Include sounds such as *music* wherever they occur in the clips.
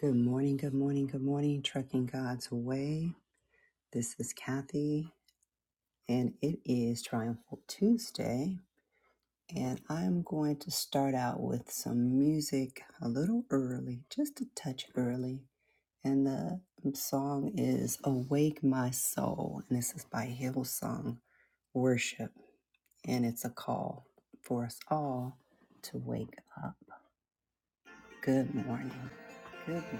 Good morning, good morning, good morning, Trucking God's Way. This is Kathy, and it is Triumphal Tuesday. And I'm going to start out with some music a little early, just a touch early. And the song is Awake My Soul, and this is by Hillsong Worship. And it's a call for us all to wake up. Good morning. Good morning.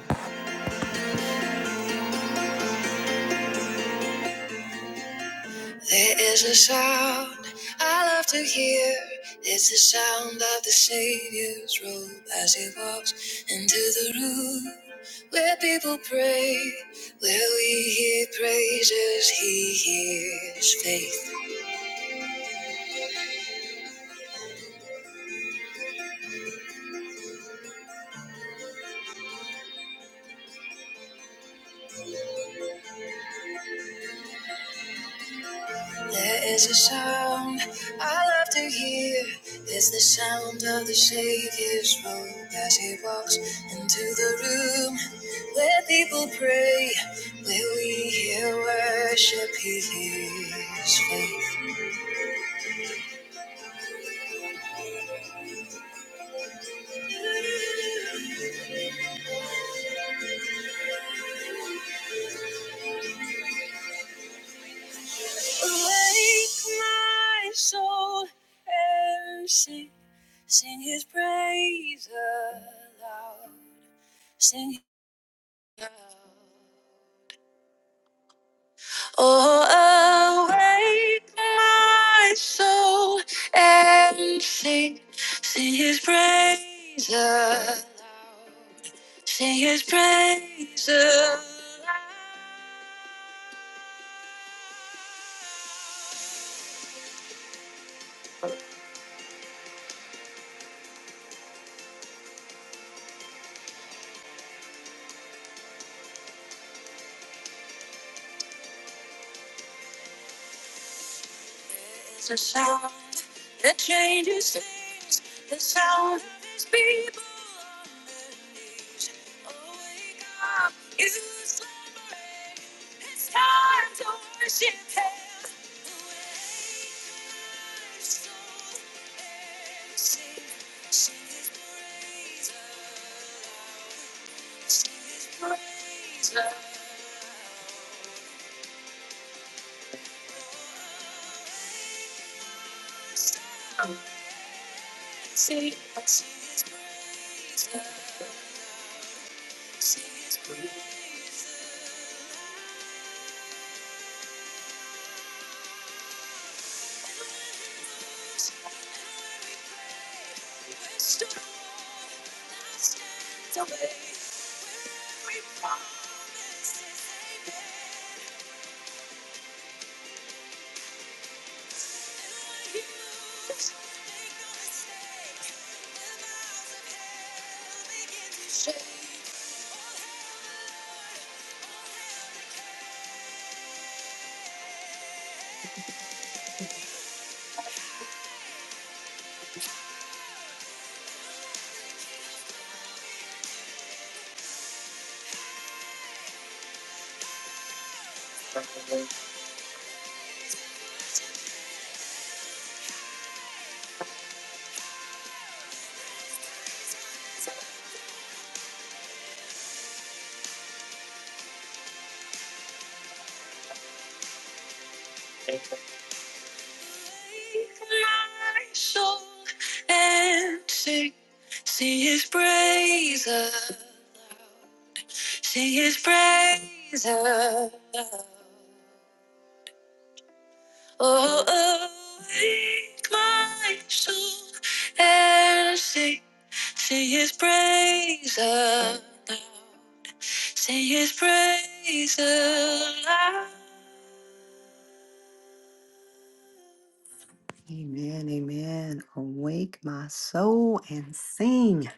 Amen, amen. Awake my soul and sing.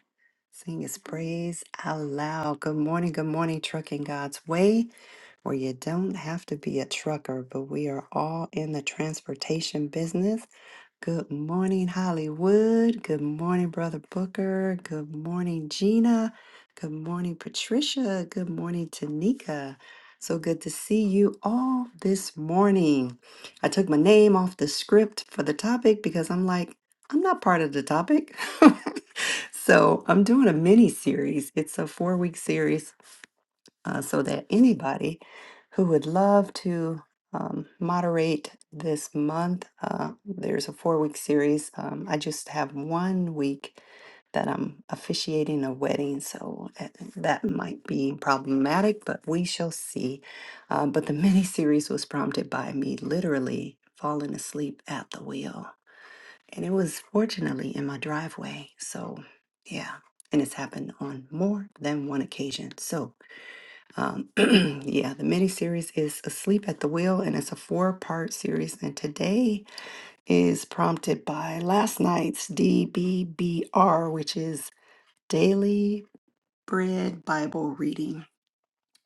Sing his praise aloud. Good morning, good morning, Trucking God's Way, where you don't have to be a trucker, but we are all in the transportation business. Good morning, Hollywood. Good morning, Brother Booker. Good morning, Gina. Good morning, Patricia. Good morning, Tanika. So good to see you all this morning. I took my name off the script for the topic because I'm like, I'm not part of the topic. *laughs* so I'm doing a mini series. It's a four week series uh, so that anybody who would love to um, moderate this month, uh, there's a four week series. Um, I just have one week that I'm officiating a wedding, so uh, that might be problematic, but we shall see. Uh, but the *laughs* mini series was prompted by me literally falling asleep at the wheel, and it was fortunately in my driveway. So, yeah, and it's happened on more than one occasion. So, um, *clears throat* yeah, the mini series is Asleep at the Wheel, and it's a four part series. And today is prompted by last night's DBBR, which is Daily Bread Bible Reading,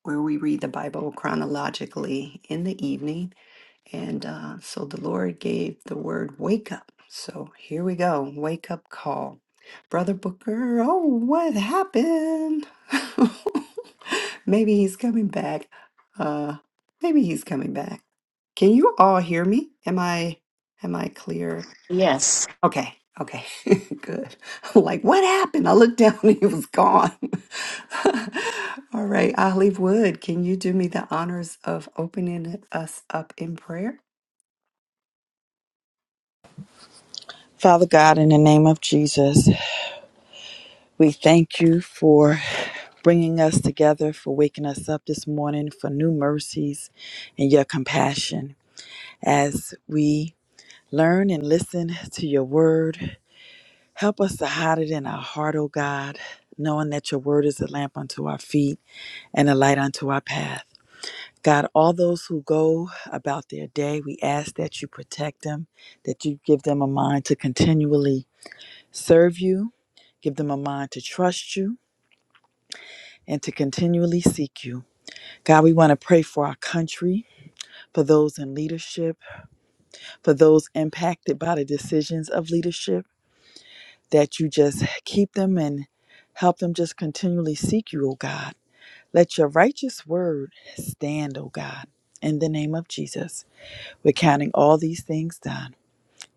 where we read the Bible chronologically in the evening and uh, so the Lord gave the word wake up. So here we go wake up call. Brother Booker, oh, what happened? *laughs* maybe he's coming back. Uh, maybe he's coming back. Can you all hear me? Am I am I clear? Yes. Okay, okay, *laughs* good. *laughs* like, what happened? I looked down *laughs* and he was gone. *laughs* all right, Olive Wood, can you do me the honors of opening us up in prayer? Father God, in the name of Jesus, we thank you for bringing us together, for waking us up this morning, for new mercies and your compassion. As we learn and listen to your word, help us to hide it in our heart, O God, knowing that your word is a lamp unto our feet and a light unto our path. God, all those who go about their day, we ask that you protect them, that you give them a mind to continually serve you, give them a mind to trust you, and to continually seek you. God, we want to pray for our country, for those in leadership, for those impacted by the decisions of leadership, that you just keep them and help them just continually seek you, O God. Let your righteous word stand, O God. In the name of Jesus, we're counting all these things done.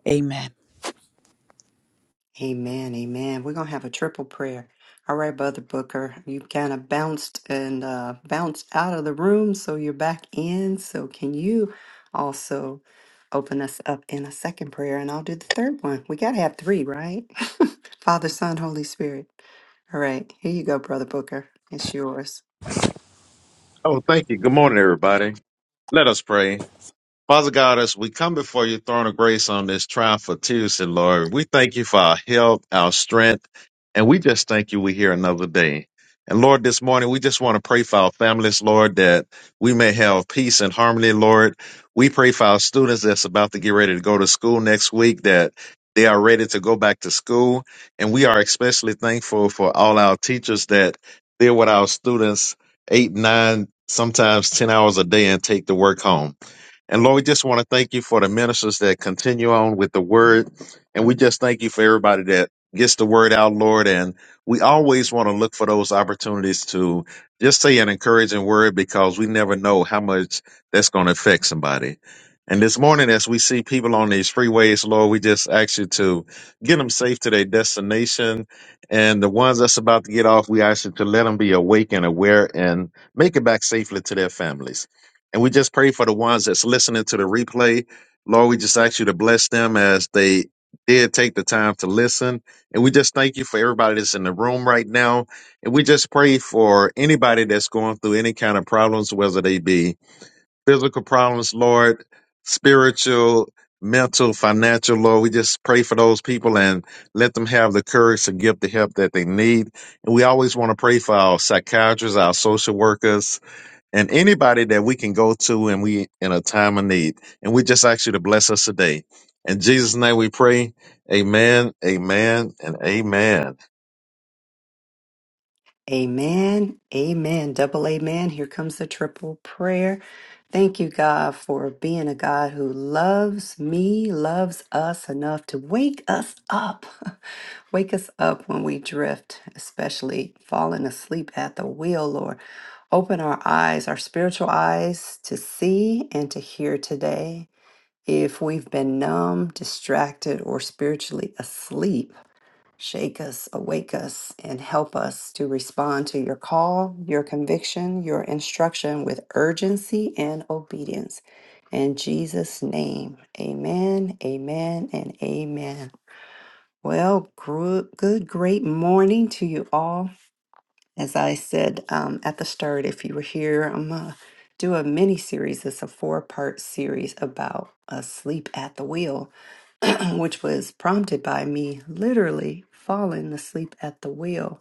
Amen. Amen, amen. We're gonna have a triple prayer. All right, Brother Booker, you kind of bounced and uh, bounced out of the room, so you're back in. So can you also open us up in a second prayer, and I'll do the third one. We gotta have three, right? *laughs* Father, Son, Holy Spirit. All right, here you go, Brother Booker. It's yours. Oh, thank you. Good morning, everybody. Let us pray. Father God, as we come before your throne of grace on this triumphal Tuesday, Lord, we thank you for our health, our strength, and we just thank you we're here another day. And Lord, this morning we just want to pray for our families, Lord, that we may have peace and harmony, Lord. We pray for our students that's about to get ready to go to school next week that they are ready to go back to school. And we are especially thankful for all our teachers that they're with our students eight, nine, sometimes 10 hours a day and take the work home. And Lord, we just want to thank you for the ministers that continue on with the word. And we just thank you for everybody that gets the word out, Lord. And we always want to look for those opportunities to just say an encouraging word because we never know how much that's going to affect somebody. And this morning, as we see people on these freeways, Lord, we just ask you to get them safe to their destination. And the ones that's about to get off, we ask you to let them be awake and aware and make it back safely to their families. And we just pray for the ones that's listening to the replay. Lord, we just ask you to bless them as they did take the time to listen. And we just thank you for everybody that's in the room right now. And we just pray for anybody that's going through any kind of problems, whether they be physical problems, Lord, spiritual, mental, financial, Lord. We just pray for those people and let them have the courage to give the help that they need. And we always want to pray for our psychiatrists, our social workers, and anybody that we can go to and we in a time of need. And we just ask you to bless us today. In Jesus' name we pray. Amen, amen, and amen. Amen. Amen. Double amen. Here comes the triple prayer. Thank you, God, for being a God who loves me, loves us enough to wake us up. *laughs* wake us up when we drift, especially falling asleep at the wheel, Lord. Open our eyes, our spiritual eyes, to see and to hear today. If we've been numb, distracted, or spiritually asleep, Shake us, awake us, and help us to respond to your call, your conviction, your instruction with urgency and obedience. In Jesus' name, amen, amen, and amen. Well, gro- good, great morning to you all. As I said um, at the start, if you were here, I'm going to do a mini series. It's a four part series about a sleep at the wheel *clears throat* which was prompted by me literally falling asleep at the wheel.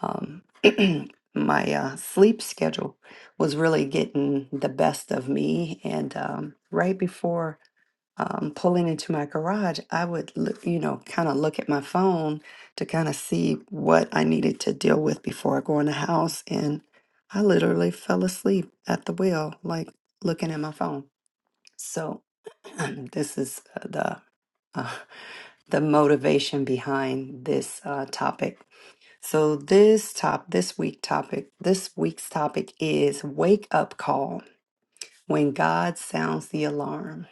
Um, *clears throat* my uh, sleep schedule was really getting the best of me, and um, right before um, pulling into my garage, I would, look, you know, kind of look at my phone to kind of see what I needed to deal with before I go in the house, and I literally fell asleep at the wheel, like looking at my phone. So *clears throat* this is uh, the uh, the motivation behind this uh, topic. So this top this week topic this week's topic is wake up call when God sounds the alarm.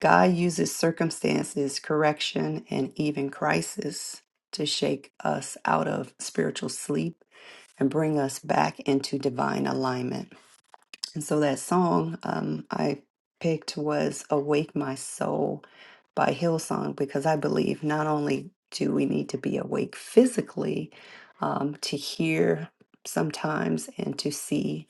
God uses circumstances, correction, and even crisis to shake us out of spiritual sleep and bring us back into divine alignment. And so that song um, I picked was Awake My Soul by Hillsong because I believe not only do we need to be awake physically um, to hear sometimes and to see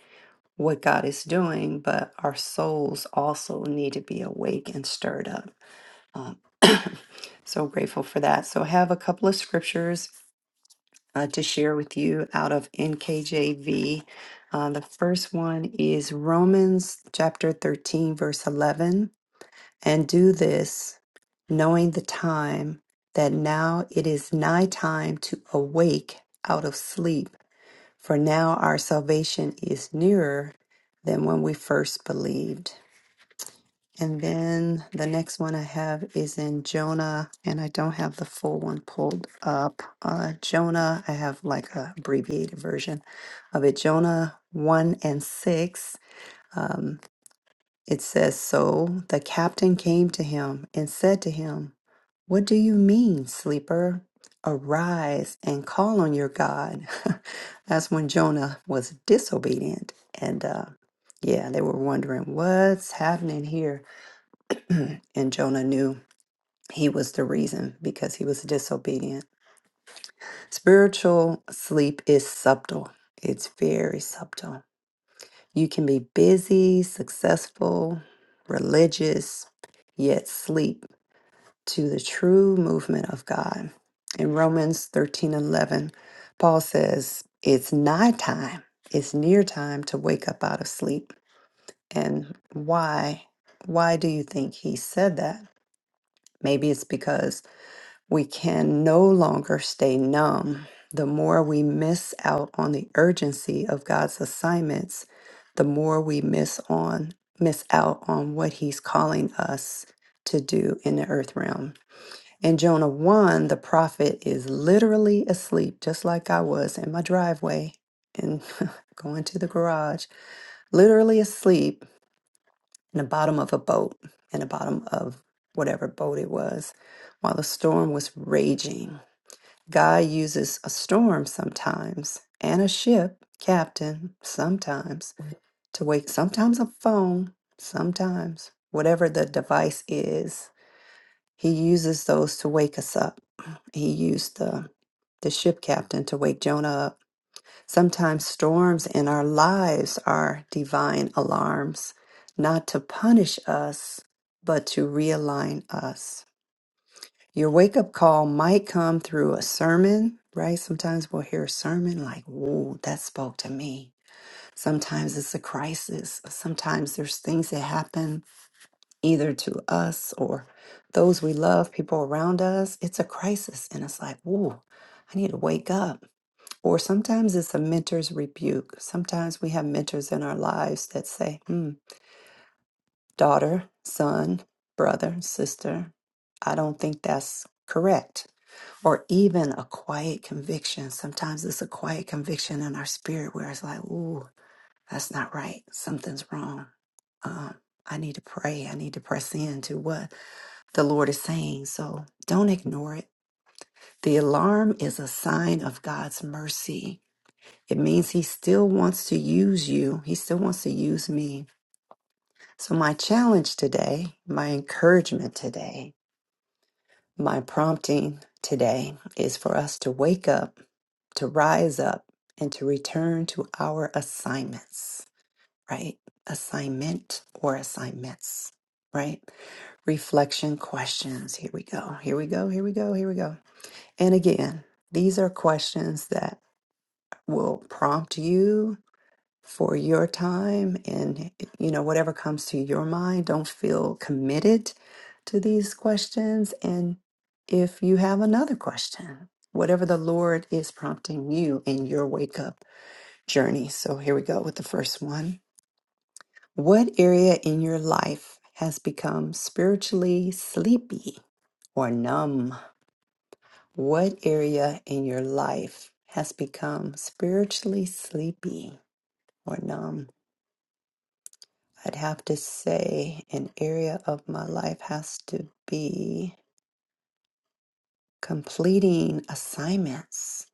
what God is doing, but our souls also need to be awake and stirred up. Um, *coughs* *clears throat* so grateful for that. So I have a couple of scriptures uh, to share with you out of NKJV. Uh, the first one is Romans chapter 13, verse 11. And do this, knowing the time, that now it is nigh time to awake out of sleep. For now our salvation is nearer than when we first believed. And then the next one I have is in Jonah, and I don't have the full one pulled up. Uh, Jonah, I have like a abbreviated version of it. Jonah 1 and 6. Um, it says, So the captain came to him and said to him, 'What do you mean, sleeper? Arise and call on your God. *laughs* That's when Jonah was disobedient. And uh, yeah, they were wondering, What's happening here? *clears throat* and Jonah knew he was the reason because he was disobedient. Spiritual sleep is subtle, it's very subtle. You can be busy, successful, religious, yet sleep to the true movement of God. In Romans 13 11, Paul says, It's nigh time, it's near time to wake up out of sleep. And why? Why do you think he said that? Maybe it's because We can no longer stay numb. The more we miss out on the urgency of God's assignments, the more we miss on miss out on what he's calling us to do in the earth realm. In Jonah 1, the prophet is literally asleep, just like I was in my driveway and *laughs* going to the garage, literally asleep in the bottom of a boat, in the bottom of whatever boat it was, while the storm was raging. God uses a storm sometimes and a ship, captain, sometimes to wake, sometimes a phone, sometimes whatever the device is. He uses those to wake us up. *clears throat* He used the the ship captain to wake Jonah up. Sometimes storms in our lives are divine alarms, not to punish us, but to realign us. Your wake up call might come through a sermon, right? Sometimes we'll hear a sermon like, "Ooh, that spoke to me. Sometimes it's a crisis. Sometimes there's things that happen either to us or those we love, people around us. It's a crisis. And it's like, "Ooh, I need to wake up. Or sometimes it's a mentor's rebuke. Sometimes we have mentors in our lives that say, Hmm, daughter, son, brother, sister, I don't think that's correct or even a quiet conviction. Sometimes it's a quiet conviction in our spirit where it's like, ooh, that's not right. Something's wrong. Um, I need to pray. I need to press into what the Lord is saying. So don't ignore it. The alarm is a sign of God's mercy. It means He still wants to use you, He still wants to use me. So, my challenge today, my encouragement today My prompting today is for us to wake up, to rise up, and to return to our assignments, right? Assignment or assignments, right? Reflection questions. Here we go. Here we go. Here we go. Here we go. And again, these are questions that will prompt you for your time and you know whatever comes to your mind don't feel committed to these questions and if you have another question whatever the lord is prompting you in your wake up journey so here we go with the first one what area in your life has become spiritually sleepy or numb what area in your life has become spiritually sleepy or numb I'd have to say an area of my life has to be completing assignments.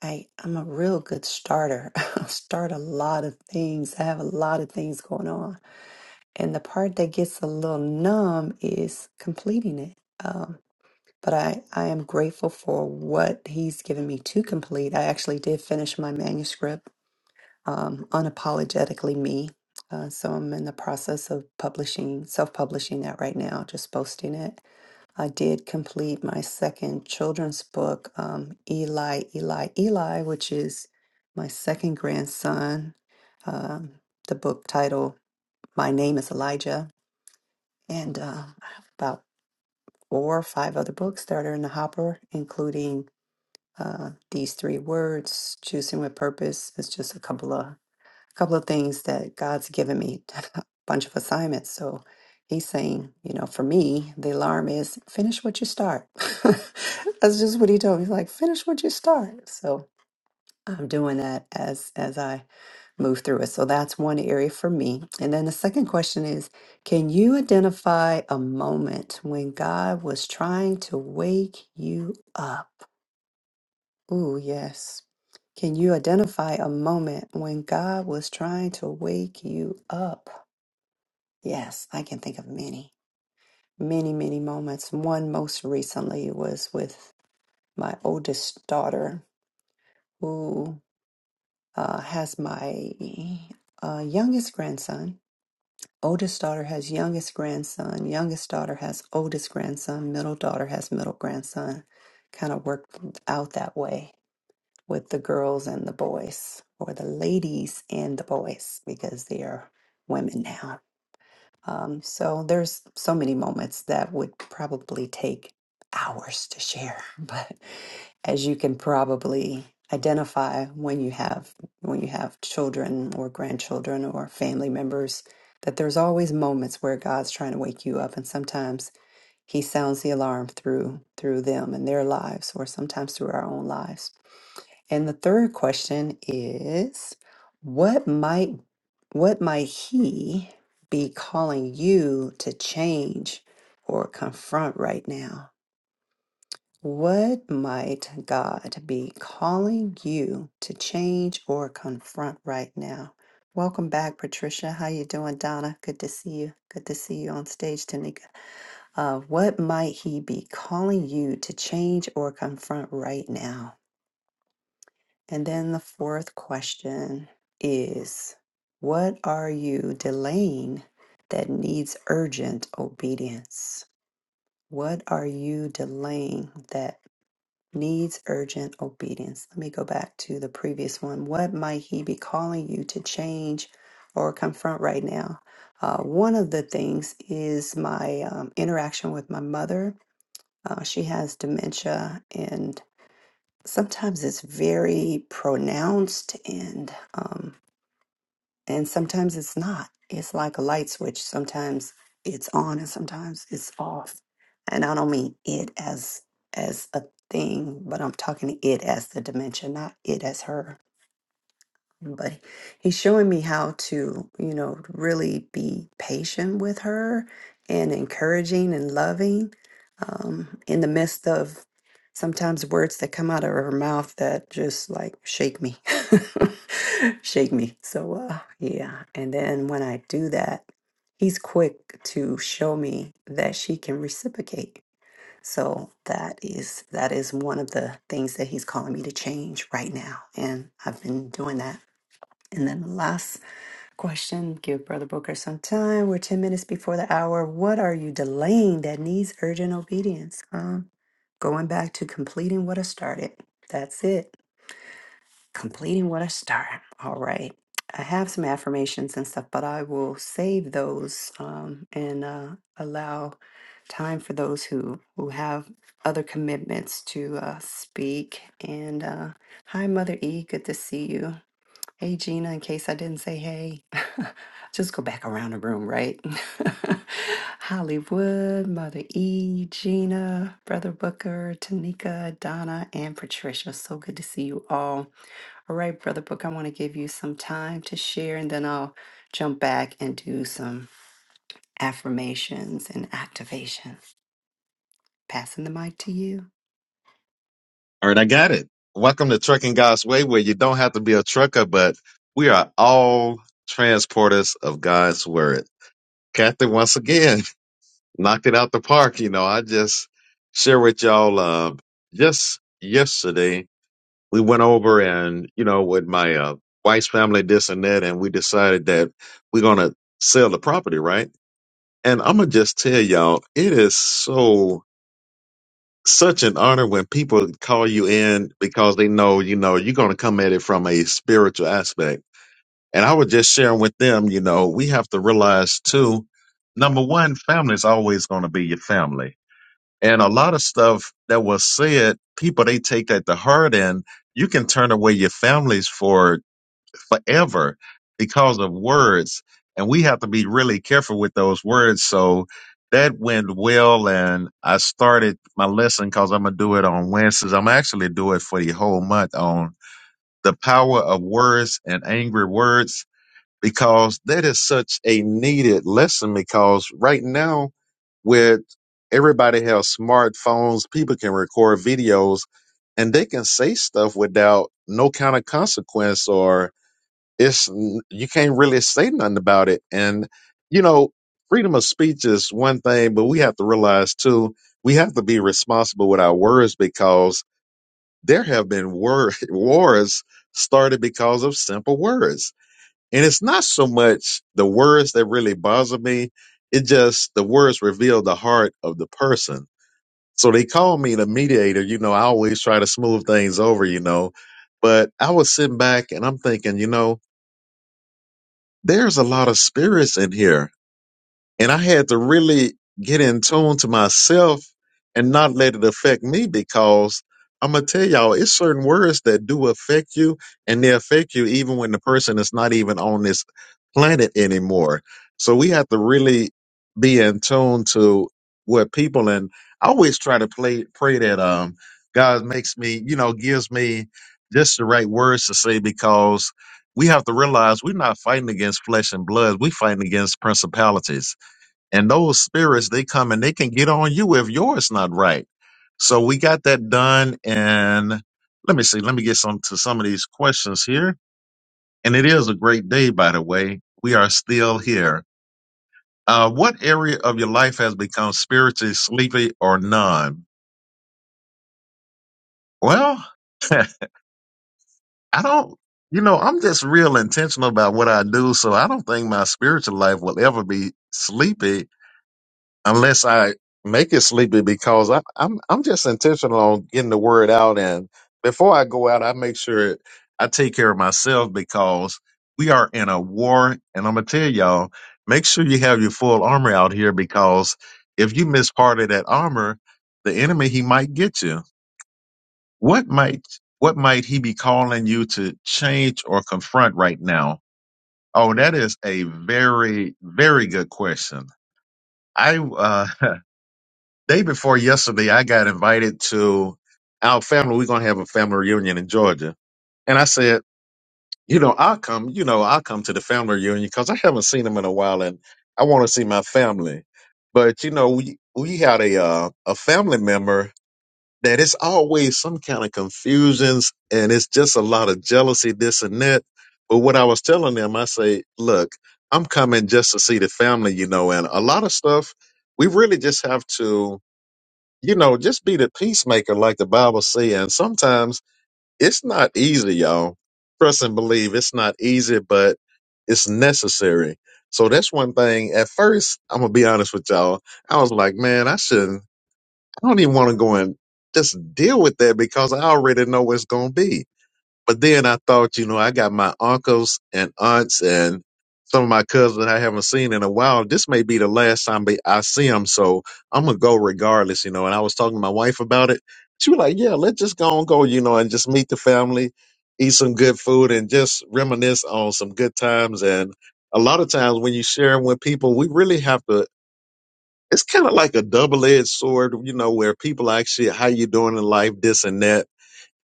I, I'm a real good starter. *laughs* i start a lot of things. I have a lot of things going on. And the part that gets a little numb is completing it. Um, but I, I am grateful for what he's given me to complete. I actually did finish my manuscript um, unapologetically me. Uh, so I'm in the process of publishing, self publishing that right now, just posting it. I did complete my second children's book, um, Eli, Eli, Eli, which is my second grandson. Um, the book title, My Name is Elijah. And uh, I have about four or five other books that are in the hopper, including uh, These Three Words, Choosing with Purpose. It's just a couple of couple of things that God's given me, *laughs* a bunch of assignments. So he's saying, you know, for me, the alarm is finish what you start. *laughs* That's just what he told me. He's like, finish what you start. So I'm doing that as as I move through it. So that's one area for me. And then the second question is, can you identify a moment when God was trying to wake you up? Ooh, yes. Can you identify a moment when God was trying to wake you up? Yes, I can think of many, many, many moments. One most recently was with my oldest daughter, who uh, has my uh, youngest grandson. Oldest daughter has youngest grandson. Youngest daughter has oldest grandson. Middle daughter has middle grandson. Kind of worked out that way with the girls and the boys, or the ladies and the boys, because they are women now. Um, so there's so many moments that would probably take hours to share, *laughs* but as you can probably identify when you have when you have children or grandchildren or family members, that there's always moments where God's trying to wake you up, and sometimes He sounds the alarm through through them and their lives, or sometimes through our own lives and the third question is what might what might he be calling you to change or confront right now? What might God be calling you to change or confront right now? Welcome back, Patricia. How you doing, Donna? Good to see you. Good to see you on stage, Tanika. Uh, what might he be calling you to change or confront right now? And then the fourth question is What are you delaying that needs urgent obedience? What are you delaying that needs urgent obedience? Let me go back to the previous one. What might he be calling you to change or confront right now? Uh, one of the things is my um, interaction with my mother. Uh, she has dementia, and sometimes it's very pronounced and um and sometimes it's not it's like a light switch sometimes it's on and sometimes it's off and i don't mean it as as a thing but i'm talking it as the dimension not it as her but he's showing me how to you know really be patient with her and encouraging and loving um, in the midst of sometimes words that come out of her mouth that just like shake me *laughs* shake me so uh, yeah and then when i do that he's quick to show me that she can reciprocate so that is that is one of the things that he's calling me to change right now and i've been doing that and then the last question, give Brother Booker some time. We're 10 minutes before the hour. What are you delaying that needs urgent obedience? Huh? Going back to completing what I started. That's it. Completing what I started. All right. I have some affirmations and stuff, but I will save those um, and uh, allow time for those who, who have other commitments to uh, speak. And uh, hi, Mother E. Good to see you. Hey Gina, in case I didn't say hey, *laughs* just go back around the room, right? *laughs* Hollywood, Mother E, Gina, Brother Booker, Tanika, Donna, and Patricia. So good to see you all. All right, Brother Booker, I want to give you some time to share and then I'll jump back and do some affirmations and activations. Passing the mic to you. All right, I got it. Welcome to Trucking God's Way, where you don't have to be a trucker, but we are all transporters of God's word. Kathy, once again, *laughs* knocked it out the park. You know, I just share with y'all uh, just yesterday we went over and you know with my uh, wife's family this and that and we decided that we're gonna sell the property right and i'm gonna just tell y'all it is so such an honor when people call you in because they know you know you're gonna come at it from a spiritual aspect and i was just sharing with them you know we have to realize too number one family is always gonna be your family and a lot of stuff that was said people they take that to heart and you can turn away your families for forever because of words. And we have to be really careful with those words. So that went well. And I started my lesson because I'm going to do it on Wednesdays. I'm actually do it for the whole month on the power of words and angry words because that is such a needed lesson because right now with everybody has smartphones, people can record videos and they can say stuff without no kind of consequence or it's you can't really say nothing about it and you know freedom of speech is one thing but we have to realize too we have to be responsible with our words because there have been wor- *laughs* wars started because of simple words and it's not so much the words that really bother me it just the words reveal the heart of the person so they call me the mediator you know i always try to smooth things over you know but i was sitting back and i'm thinking you know there's a lot of spirits in here. And I had to really get in tune to myself and not let it affect me because I'm going to tell y'all, it's certain words that do affect you and they affect you even when the person is not even on this planet anymore. So we have to really be in tune to what people and I always try to play, pray that um God makes me, you know, gives me just the right words to say because we have to realize we're not fighting against flesh and blood. We're fighting against principalities and those spirits, they come and they can get on you if yours not right. So we got that done. And let me see, let me get some to some of these questions here. And it is a great day, by the way. We are still here. Uh, what area of your life has become spiritually sleepy or none? Well, *laughs* I don't, you know, I'm just real intentional about what I do. So I don't think my spiritual life will ever be sleepy unless I make it sleepy because I, I'm I'm just intentional on getting the word out and before I go out I make sure I take care of myself because we are in a war and I'm gonna tell y'all make sure you have your full armor out here because if you miss part of that armor the enemy he might get you what might what might he be calling you to change or confront right now oh that is a very very good question I uh *laughs* Day before yesterday, I got invited to our family. We're gonna have a family reunion in Georgia, and I said, you know, I'll come. You know, I'll come to the family reunion because I haven't seen them in a while, and I want to see my family. But you know, we we had a uh, a family member that it's always some kind of confusions, and it's just a lot of jealousy, this and that. But what I was telling them, I say, look, I'm coming just to see the family, you know, and a lot of stuff we really just have to you know, just be the peacemaker, like the Bible says. And sometimes it's not easy, y'all. Trust and believe it's not easy, but it's necessary. So that's one thing. At first, I'm gonna be honest with y'all. I was like, man, I shouldn't. I don't even want to go and just deal with that because I already know what's gonna be but then I thought, you know, I got my uncles and aunts and some of my cousins I haven't seen in a while. This may be the last time they- I see them, so I'm gonna go regardless, you know. And I was talking to my wife about it. She was like, "Yeah, let's just go and go, you know, and just meet the family, eat some good food, and just reminisce on some good times." And a lot of times when you share with people, we really have to. It's kind of like a double-edged sword, you know, where people actually, how you doing in life, this and that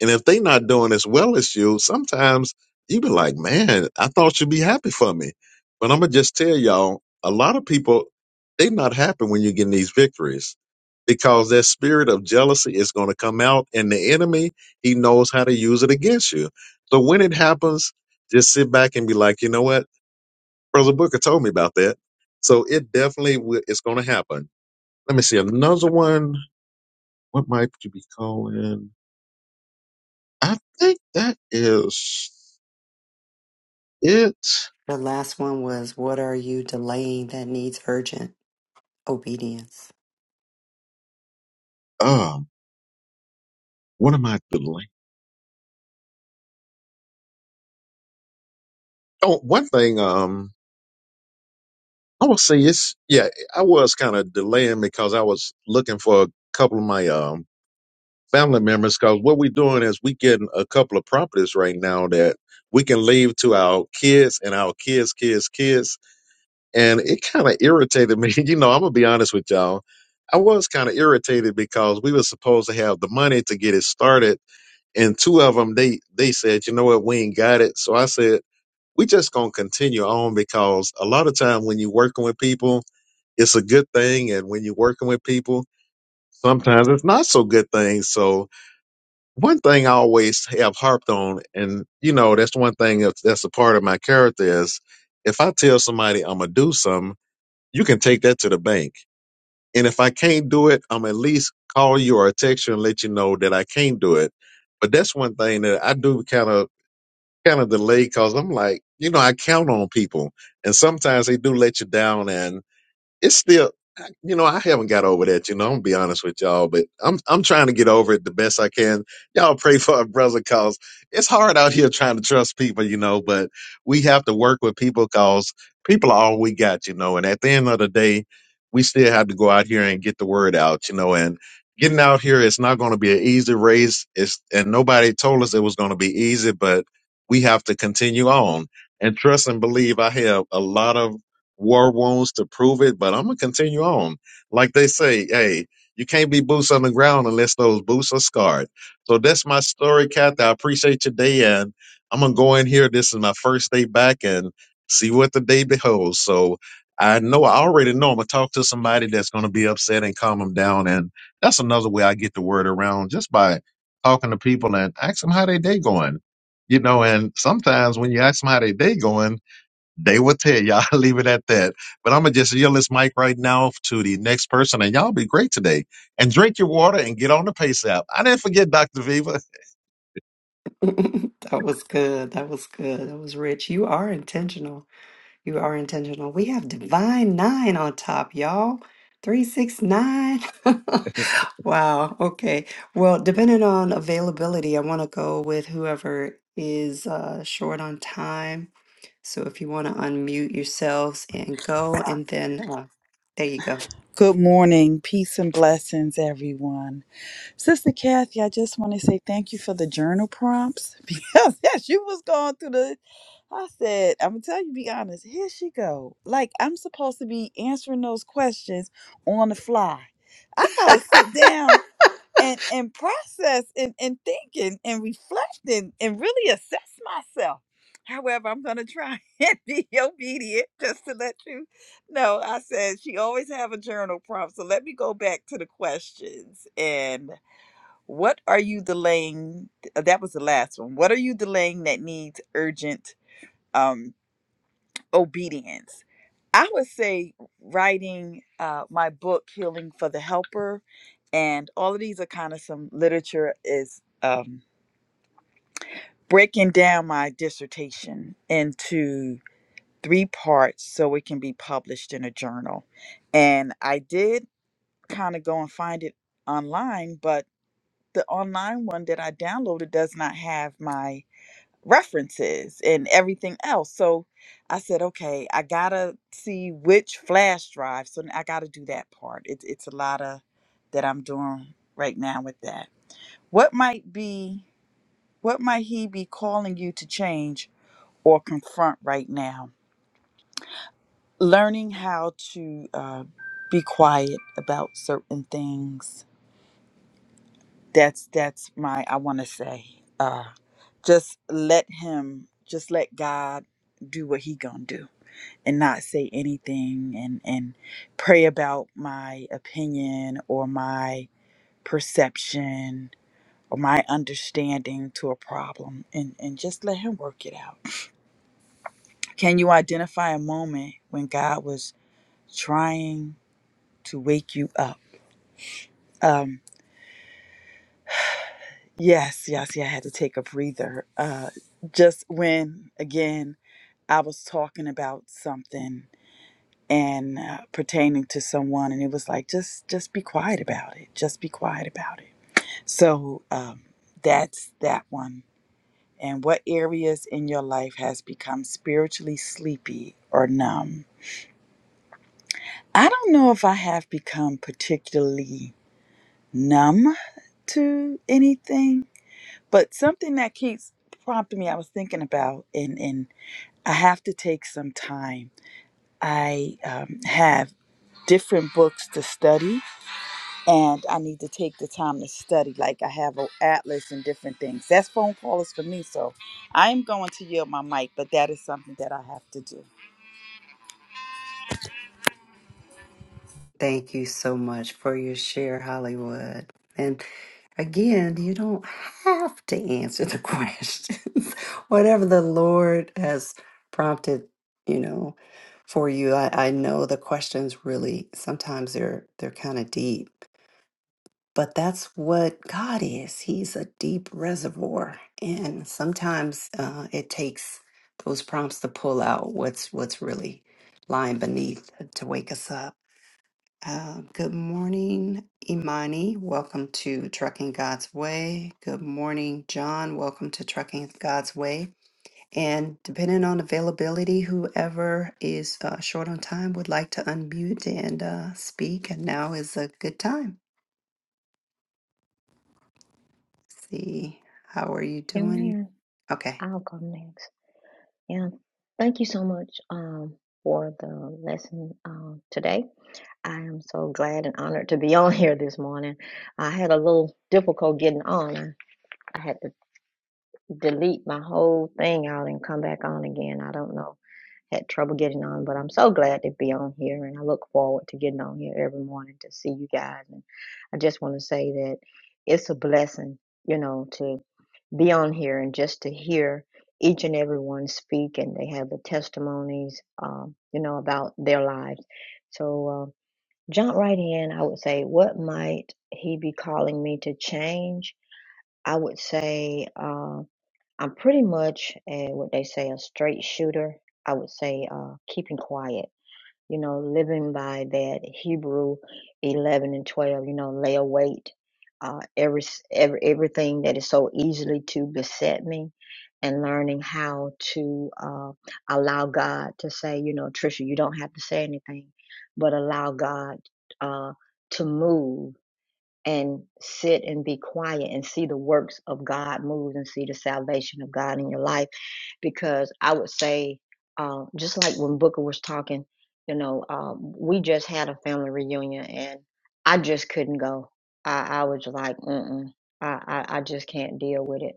and if they not doing as well as you, sometimes you be like, man, I thought you'd be happy for me. But I'm gonna just tell y'all, a lot of people, they not happy when you're getting these victories because that spirit of jealousy is gonna come out and the enemy, he knows how to use it against you. So when it happens, just sit back and be like, you know what? Brother Booker told me about that. So it definitely wi- it's gonna happen. Let me see another one. What might you be calling? I think that is. It The last one was What are you delaying that needs urgent obedience? um what am I delaying? Oh, one thing um I will say it's yeah, I was kind of delaying because I was looking for a couple of my um family members because what we're doing is we getting a couple of properties right now that we can leave to our kids and our kids, kids, kids. And it kind of irritated me. *laughs* You know, I'm gonna be honest with y'all. I was kind of irritated because we were supposed to have the money to get it started, and two of them they they said, you know what, we ain't got it. So I said, we just gonna continue on because a lot of time when you're working with people, it's a good thing, and when you're working with people, sometimes it's not so good thing. So one thing I always have harped on, and you know that's one thing that's, that's a part of my character is if I tell somebody I'm gonna do something, you can take that to the bank, and if I can't do it, I'm at least call you or text you and let you know that I can't do it. But that's one thing that I do kind of kind of delayed because I'm like, you know, I count on people, and sometimes they do let you down, and it's still you know i haven't got over that you know i'm gonna be honest with y'all but i'm i'm trying to get over it the best i can y'all pray for a brother cause it's hard out here trying to trust people you know but we have to work with people cause people are all we got you know and at the end of the day we still have to go out here and get the word out you know and getting out here it's not going to be an easy race it's and nobody told us it was going to be easy but we have to continue on and trust and believe i have a lot of war wounds to prove it, but I'm gonna continue on. Like they say, hey, you can't be boots on the ground unless those boots are scarred. So that's my story, Kathy. I appreciate your day, and I'm gonna go in here. This is my first day back, and see what the day beholds. So I know I already know I'm gonna talk to somebody that's gonna be upset and calm them down, and that's another way I get the word around just by talking to people and ask them how their day going. You know, and sometimes when you ask them how their day going they will tell y'all. *laughs* Leave it at that. But I'm gonna just yield this mic right now to the next person, and y'all be great today. And drink your water and get on the pace app. I didn't forget Dr. Viva. *laughs* That was good. That was good. That was rich. You are intentional. You are intentional. We have Divine Nine on top, y'all. Three, six, nine. *laughs* *laughs* Wow. Okay. Well, depending on availability, I want to go with whoever is uh, short on time. So if you want to unmute yourselves and go, and then uh, there you go. Good morning, peace and blessings, everyone. Sister Kathy, I just want to say thank you for the journal prompts *laughs* because as you was going through the, I said, I'm gonna tell you, be honest. Here she go. Like I'm supposed to be answering those questions on the fly. I gotta sit down and and process and and thinking and reflecting and really assess myself. However, I'm gonna try *laughs* and be obedient just to let you know. I said she always have a journal prompt, so let me go back to the questions and. What are you delaying? uh, That was the last one. What are you delaying that needs urgent um, obedience? I would say writing uh, my book, Healing for the Helper, and all of these are kind of some literature is um, breaking down my dissertation into three parts so it can be published in a journal. And I did kind of go and find it online, but the online one that I downloaded does not have my references and everything else. So I said, okay, I gotta see which flash drive. So I gotta do that part. It's it's a lot of that I'm doing right now with that. What might be what might he be calling you to change or confront right now? Learning how to uh, be quiet about certain things. That's that's my I want to say. Uh, just let him. Just let God do what he gonna do and not say anything and and pray about my opinion or my perception or my understanding to a problem and and just let him work it out can you identify a moment when god was trying to wake you up um yes yes yeah i had to take a breather uh just when again i was talking about something and uh, pertaining to someone and it was like just just be quiet about it just be quiet about it so um, that's that one and what areas in your life has become spiritually sleepy or numb i don't know if i have become particularly numb to anything but something that keeps prompting me i was thinking about and and i have to take some time i um, have different books to study and I need to take the time to study. Like I have an atlas and different things. That's phone callers for me. So I am going to yield my mic, but that is something that I have to do. Thank you so much for your share, Hollywood. Again, you don't have to answer the *laughs* questions. Whatever the Lord has prompted, you know, for you. I, I know the questions really sometimes they're they're kind of deep, but that's what God is. He's a deep reservoir, and sometimes uh, it takes those prompts to pull out what's what's really lying beneath to wake us up. Uh, good morning, Imani. Welcome to Trucking God's Way. Good morning, John. Welcome to Trucking God's Way. And depending on availability, whoever is uh, short on time would like to unmute and uh, speak. And now is a good time. Let's see, how are you doing? Amen. Okay. I'll go next. Yeah. Thank you so much um, for the lesson um, today. I am so glad and honored to be *laughs* on here this morning. I had a little difficult getting on. I, I had to delete my whole thing out and come back on again. I don't know. Had trouble getting on, but I'm so glad to be on here and I look forward to getting on here every morning to see you guys. And I just want to say that it's a blessing, you know, to be on here and just to hear each and every one speak and they have the testimonies um, you know about their lives so uh, jump right in i would say what might he be calling me to change i would say uh, i'm pretty much uh, what they say a straight shooter i would say uh, keeping quiet you know, living by that Hebrew 11 and 12, you know, lay await uh, every, every, everything that is so easily to beset me and learning how to uh, allow God to say, you know, Trisha, you don't have to say anything, but allow God uh, to move and sit and be quiet and see the works of God move and see the salvation of God in your life. Because I would say, uh, just like when Booker was talking, you know, um, we just had a family reunion and I just couldn't go. I, I was like, mm I, I, I just can't deal with it.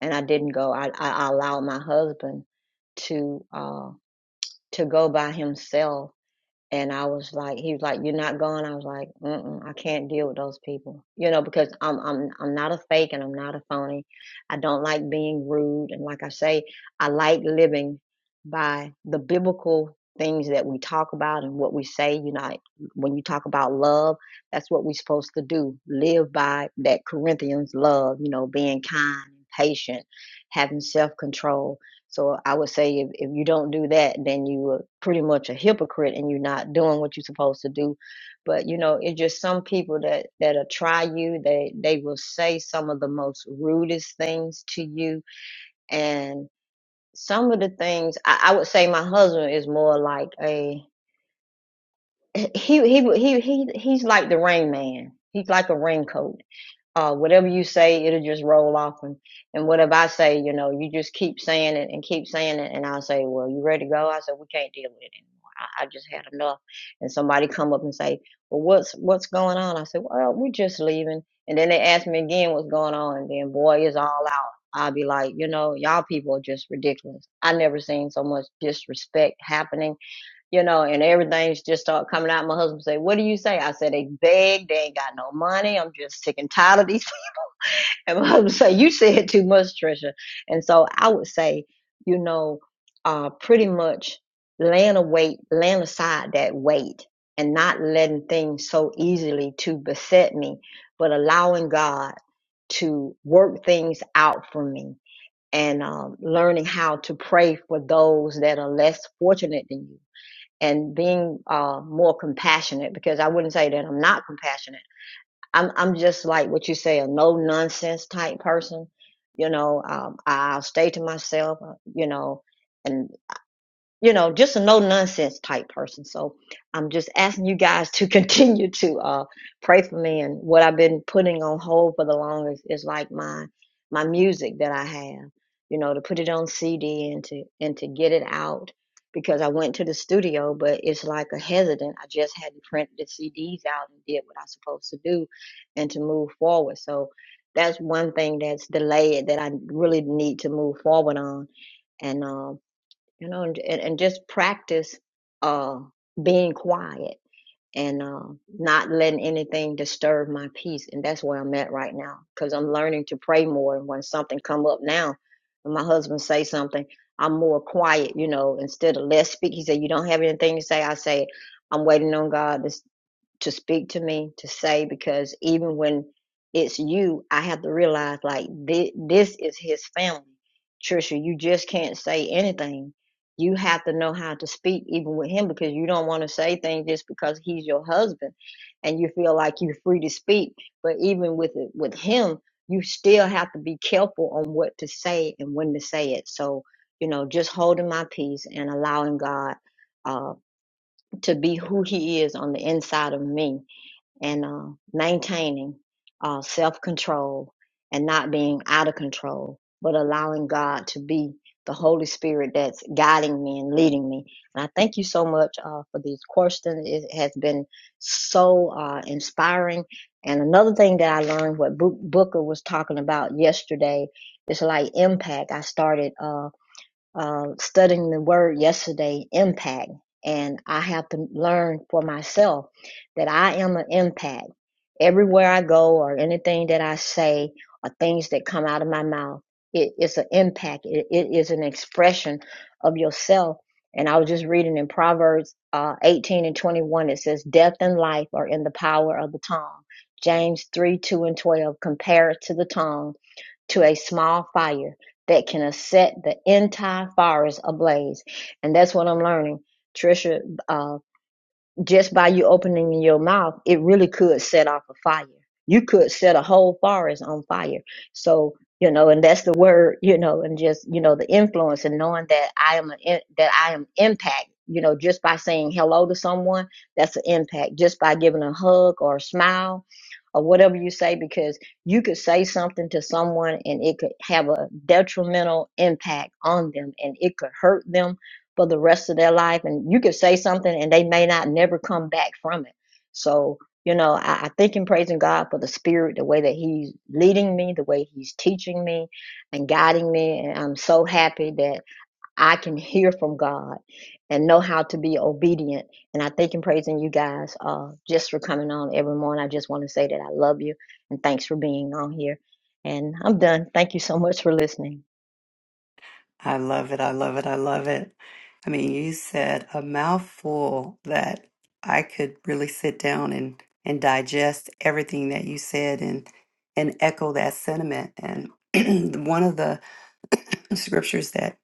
And I didn't go. I, I I allowed my husband to uh, to go by himself and I was like, he was like, "You're not going." I was like, Mm-mm, "I can't deal with those people," you know, because I'm I'm I'm not a fake and I'm not a phony. I don't like being rude, and like I say, I like living by the biblical things that we talk about and what we say. You know, like, when you talk about love, that's what we're supposed to do: live by that Corinthians love. You know, being kind, patient, having self control so I would say if, if you don't do that, then you are pretty much a hypocrite and you're not doing what you're supposed to do. But you know, it's just some people that that'll try you. They they will say some of the most rudest things to you. And some of the things I, I would say my husband is more like a he he he he he's like the rain man. He's like a raincoat uh, whatever you say, it'll just roll off. And, and whatever I say, you know, you just keep saying it and keep saying it. And I'll say, well, you ready to go? I said, we can't deal with it anymore. I, I just had enough. And somebody come up and say, well, what's, what's going on? I said, well, we're just leaving. And then they ask me again what's going on. And then boy, it's all out. I'll be like, you know, y'all people are just ridiculous. I never seen so much disrespect happening, you know, and everything's just start coming out. My husband say, what do you say? I said, they beg. They ain't got no money. I'm just sick and tired of these and *laughs* I would say you said too much, Trisha. And so I would say, you know, uh, pretty much laying a weight, laying aside that weight, and not letting things so easily to beset me, but allowing God to work things out for me, and um, learning how to pray for those that are less fortunate than you, and being uh, more compassionate. Because I wouldn't say that I'm not compassionate I'm I'm just like what you say, a no nonsense type person. You know, um, I'll stay to myself. uh, You know, and you know, just a no nonsense type person. So I'm just asking you guys to *laughs* continue to uh, pray for me. And what I've been putting on hold for the longest is like my my music that I have, you know, to put it on CD and to and to get it out because I went to the studio, but it's like a hesitant. I just hadn't printed the CDs out and did what I was supposed to do, and to move forward. So that's one thing that's delayed that I really need to move forward on. And um you know, and and, and just practice uh, being quiet and uh, not letting anything disturb my peace. And that's where I'm at right now because I'm learning to pray more. And when something come up now, when my husband say something, I'm more quiet, you know, instead of less speak. He said, "You don't have anything to say." I say, "I'm waiting on God." to, to speak to me to say because even when it's you i have to realize like this, this is his family trisha you just can't say anything you have to know how to speak even with him because you don't want to say things just because he's your husband and you feel like you're free to speak but even with it with him you still have to be careful on what to say and when to say it so you know just holding my peace and allowing god uh, to be who he is on the inside of me and uh, maintaining uh, self control and not being out of control, but allowing God to be the Holy Spirit that's guiding me and leading me. And I thank you so much uh, for these questions. It has been so uh, inspiring. And another thing that I learned, what Book Booker was talking about yesterday, is like impact. I started. Uh, uh, studying the word yesterday, impact. And I have to learn for myself that I am an impact. Everywhere I go, or anything that I say, or things that come out of my mouth, it is an impact. It, it is an expression of yourself. And I was just reading in Proverbs uh, 18 and 21, it says, Death and life are in the power of the tongue. James 3 2 and 12 compare it to the tongue to a small fire that can set the entire forest ablaze. And that's what I'm learning. Trisha, uh, just by you opening your mouth, it really could set off a fire. You could set a whole forest on fire. So, you know, and that's the word, you know, and just, you know, the influence and knowing that I am an, that I am impact, you know, just by saying hello to someone, that's an impact. Just by giving a hug or a smile or whatever you say, because you could say something to someone and it could have a detrimental impact on them and it could hurt them for the rest of their life. And you could say something and they may not never come back from it. So, you know, I, I thank and praising God for the spirit, the way that He's leading me, the way He's teaching me and guiding me. And I'm so happy that I can hear from God and know how to be obedient. And I thank and praising you guys uh, just for coming on every morning. I just want to say that I love you and thanks for being on here. And I'm done. Thank you so much for listening. I love it. I love it. I love it. I mean, you said a mouthful that I could really sit down and and digest everything that you said and and echo that sentiment. And *clears throat* one of the scriptures that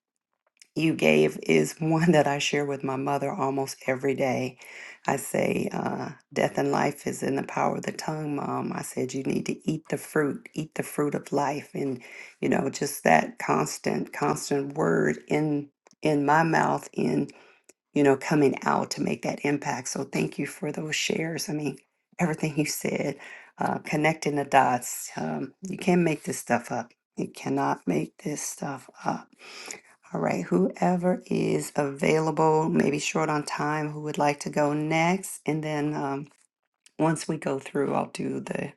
you gave is one that I share with my mother almost every day. I say, uh, Death and life is in the power of the tongue, Mom. I said, You need to eat the fruit, eat the fruit of life. And, you know, just that constant, constant word in in my mouth in you know coming out to make that impact so thank you for those shares i mean everything you said uh, connecting the dots um, you can't make this stuff up you cannot make this stuff up all right, whoever is available, maybe short on time, who would like to go next? And then um, once we go through, I'll do the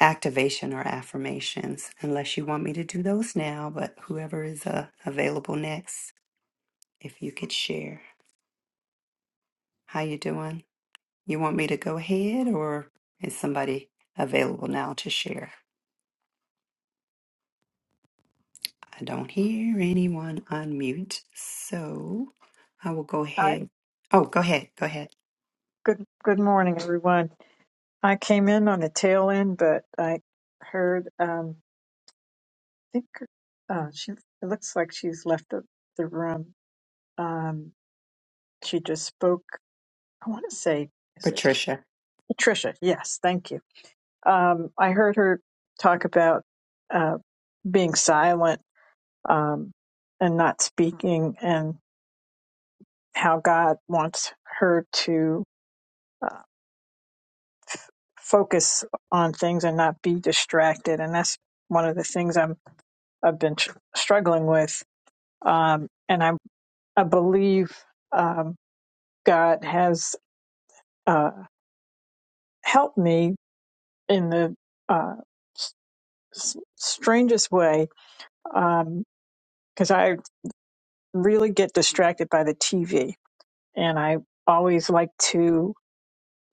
activation or affirmations, unless you want me to do those now. But whoever is uh, available next, if you could share how you doing, you want me to go ahead, or is somebody available now to share? I don't hear anyone unmute, so I will go Hi. ahead. Oh, go ahead, go ahead, Good good morning, everyone. I came in on the tail end, but I heard um I think uh she it looks like she's left the, the room. Um she just spoke I wanna say is it K- Patricia. Patricia, yes, thank you. Um I heard her talk about uh being silent um and not speaking and how God wants her to uh, focus on things and not be distracted. And that's one of the things I'm I've been tr- struggling with. Um, and I I believe um, God has uh, helped me in the uh, s- s- strangest way because I really get distracted by the TV, and I always like to.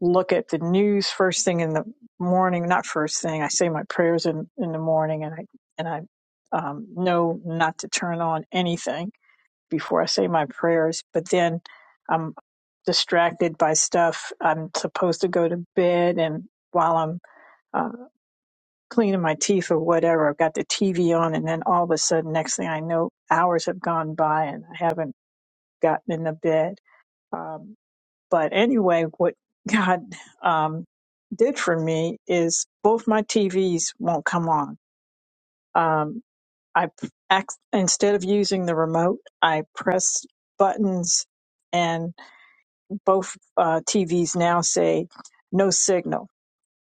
look at the news first thing in the morning. Not first thing. I say my prayers in, in the morning, and I and I um, know not to turn on anything before I say my prayers. But then I'm distracted by stuff. I'm supposed to go to bed, and while I'm uh, cleaning my teeth or whatever, I've got the TV on, and then all of a sudden, next thing I know, hours have gone by, and I haven't gotten in the bed. Um, but anyway, what *laughs* God um, did for me is both my TVs won't come on. Um, I p- ac- instead of using the remote, I press buttons, and both uh, TVs now say no signal.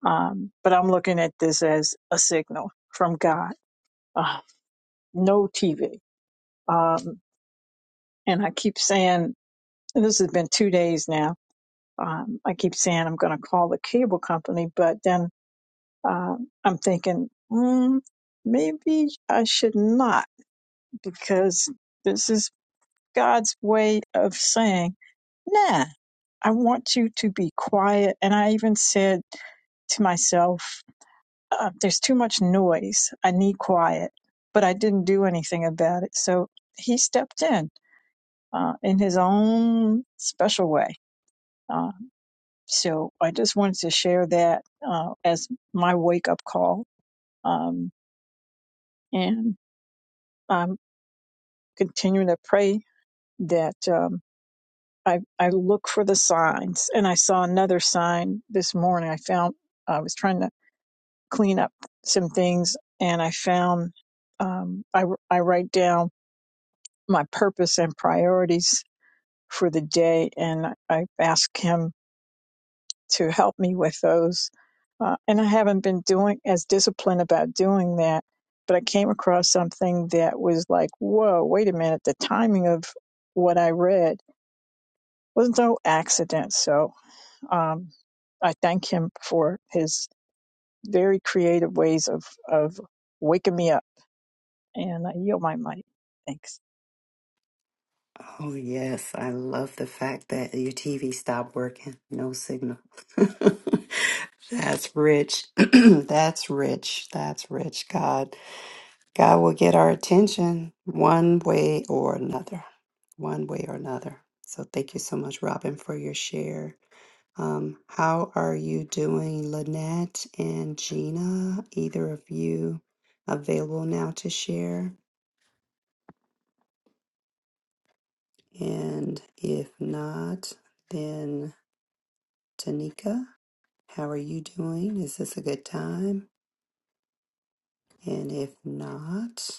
Um, but I'm looking at this as a signal from God. Uh, no TV, um, and I keep saying and this has been two days now. Um, I keep saying I'm going to call the cable company, but then Uh, I'm thinking, mm, maybe I should not because this is God's way of saying, nah, I want you to be quiet. And I even said to myself, uh, there's too much noise. I need quiet. But I didn't do anything about it. So he stepped in uh, in his own special way. Uh, so I just wanted to share that uh, as my wake up call. Um, and I'm continuing to pray that um, I, I look for the signs. And I saw another sign this morning. I found, I was trying to clean up some things and I found, um, I, I write down my purpose and priorities for the day and I ask him to help me with those. Uh, and I haven't been doing as disciplined about doing that. But I came across something that was like, whoa, wait a minute, the timing of what I read was no accident. So um, I thank him for his very creative ways of, of waking me up. And I yield my mic. Thanks. Oh, yes. I love the fact that your TV stopped working. No signal. *laughs* That's rich. *clears throat* That's rich. That's rich. God. God will get our attention one way or another. One way or another. So thank you so much, Robin, for your share. Um, how are you doing, Lynette and Gina? Either of you available now to share? And if not, then Tanika, how are you doing? Is this a good time? And if not,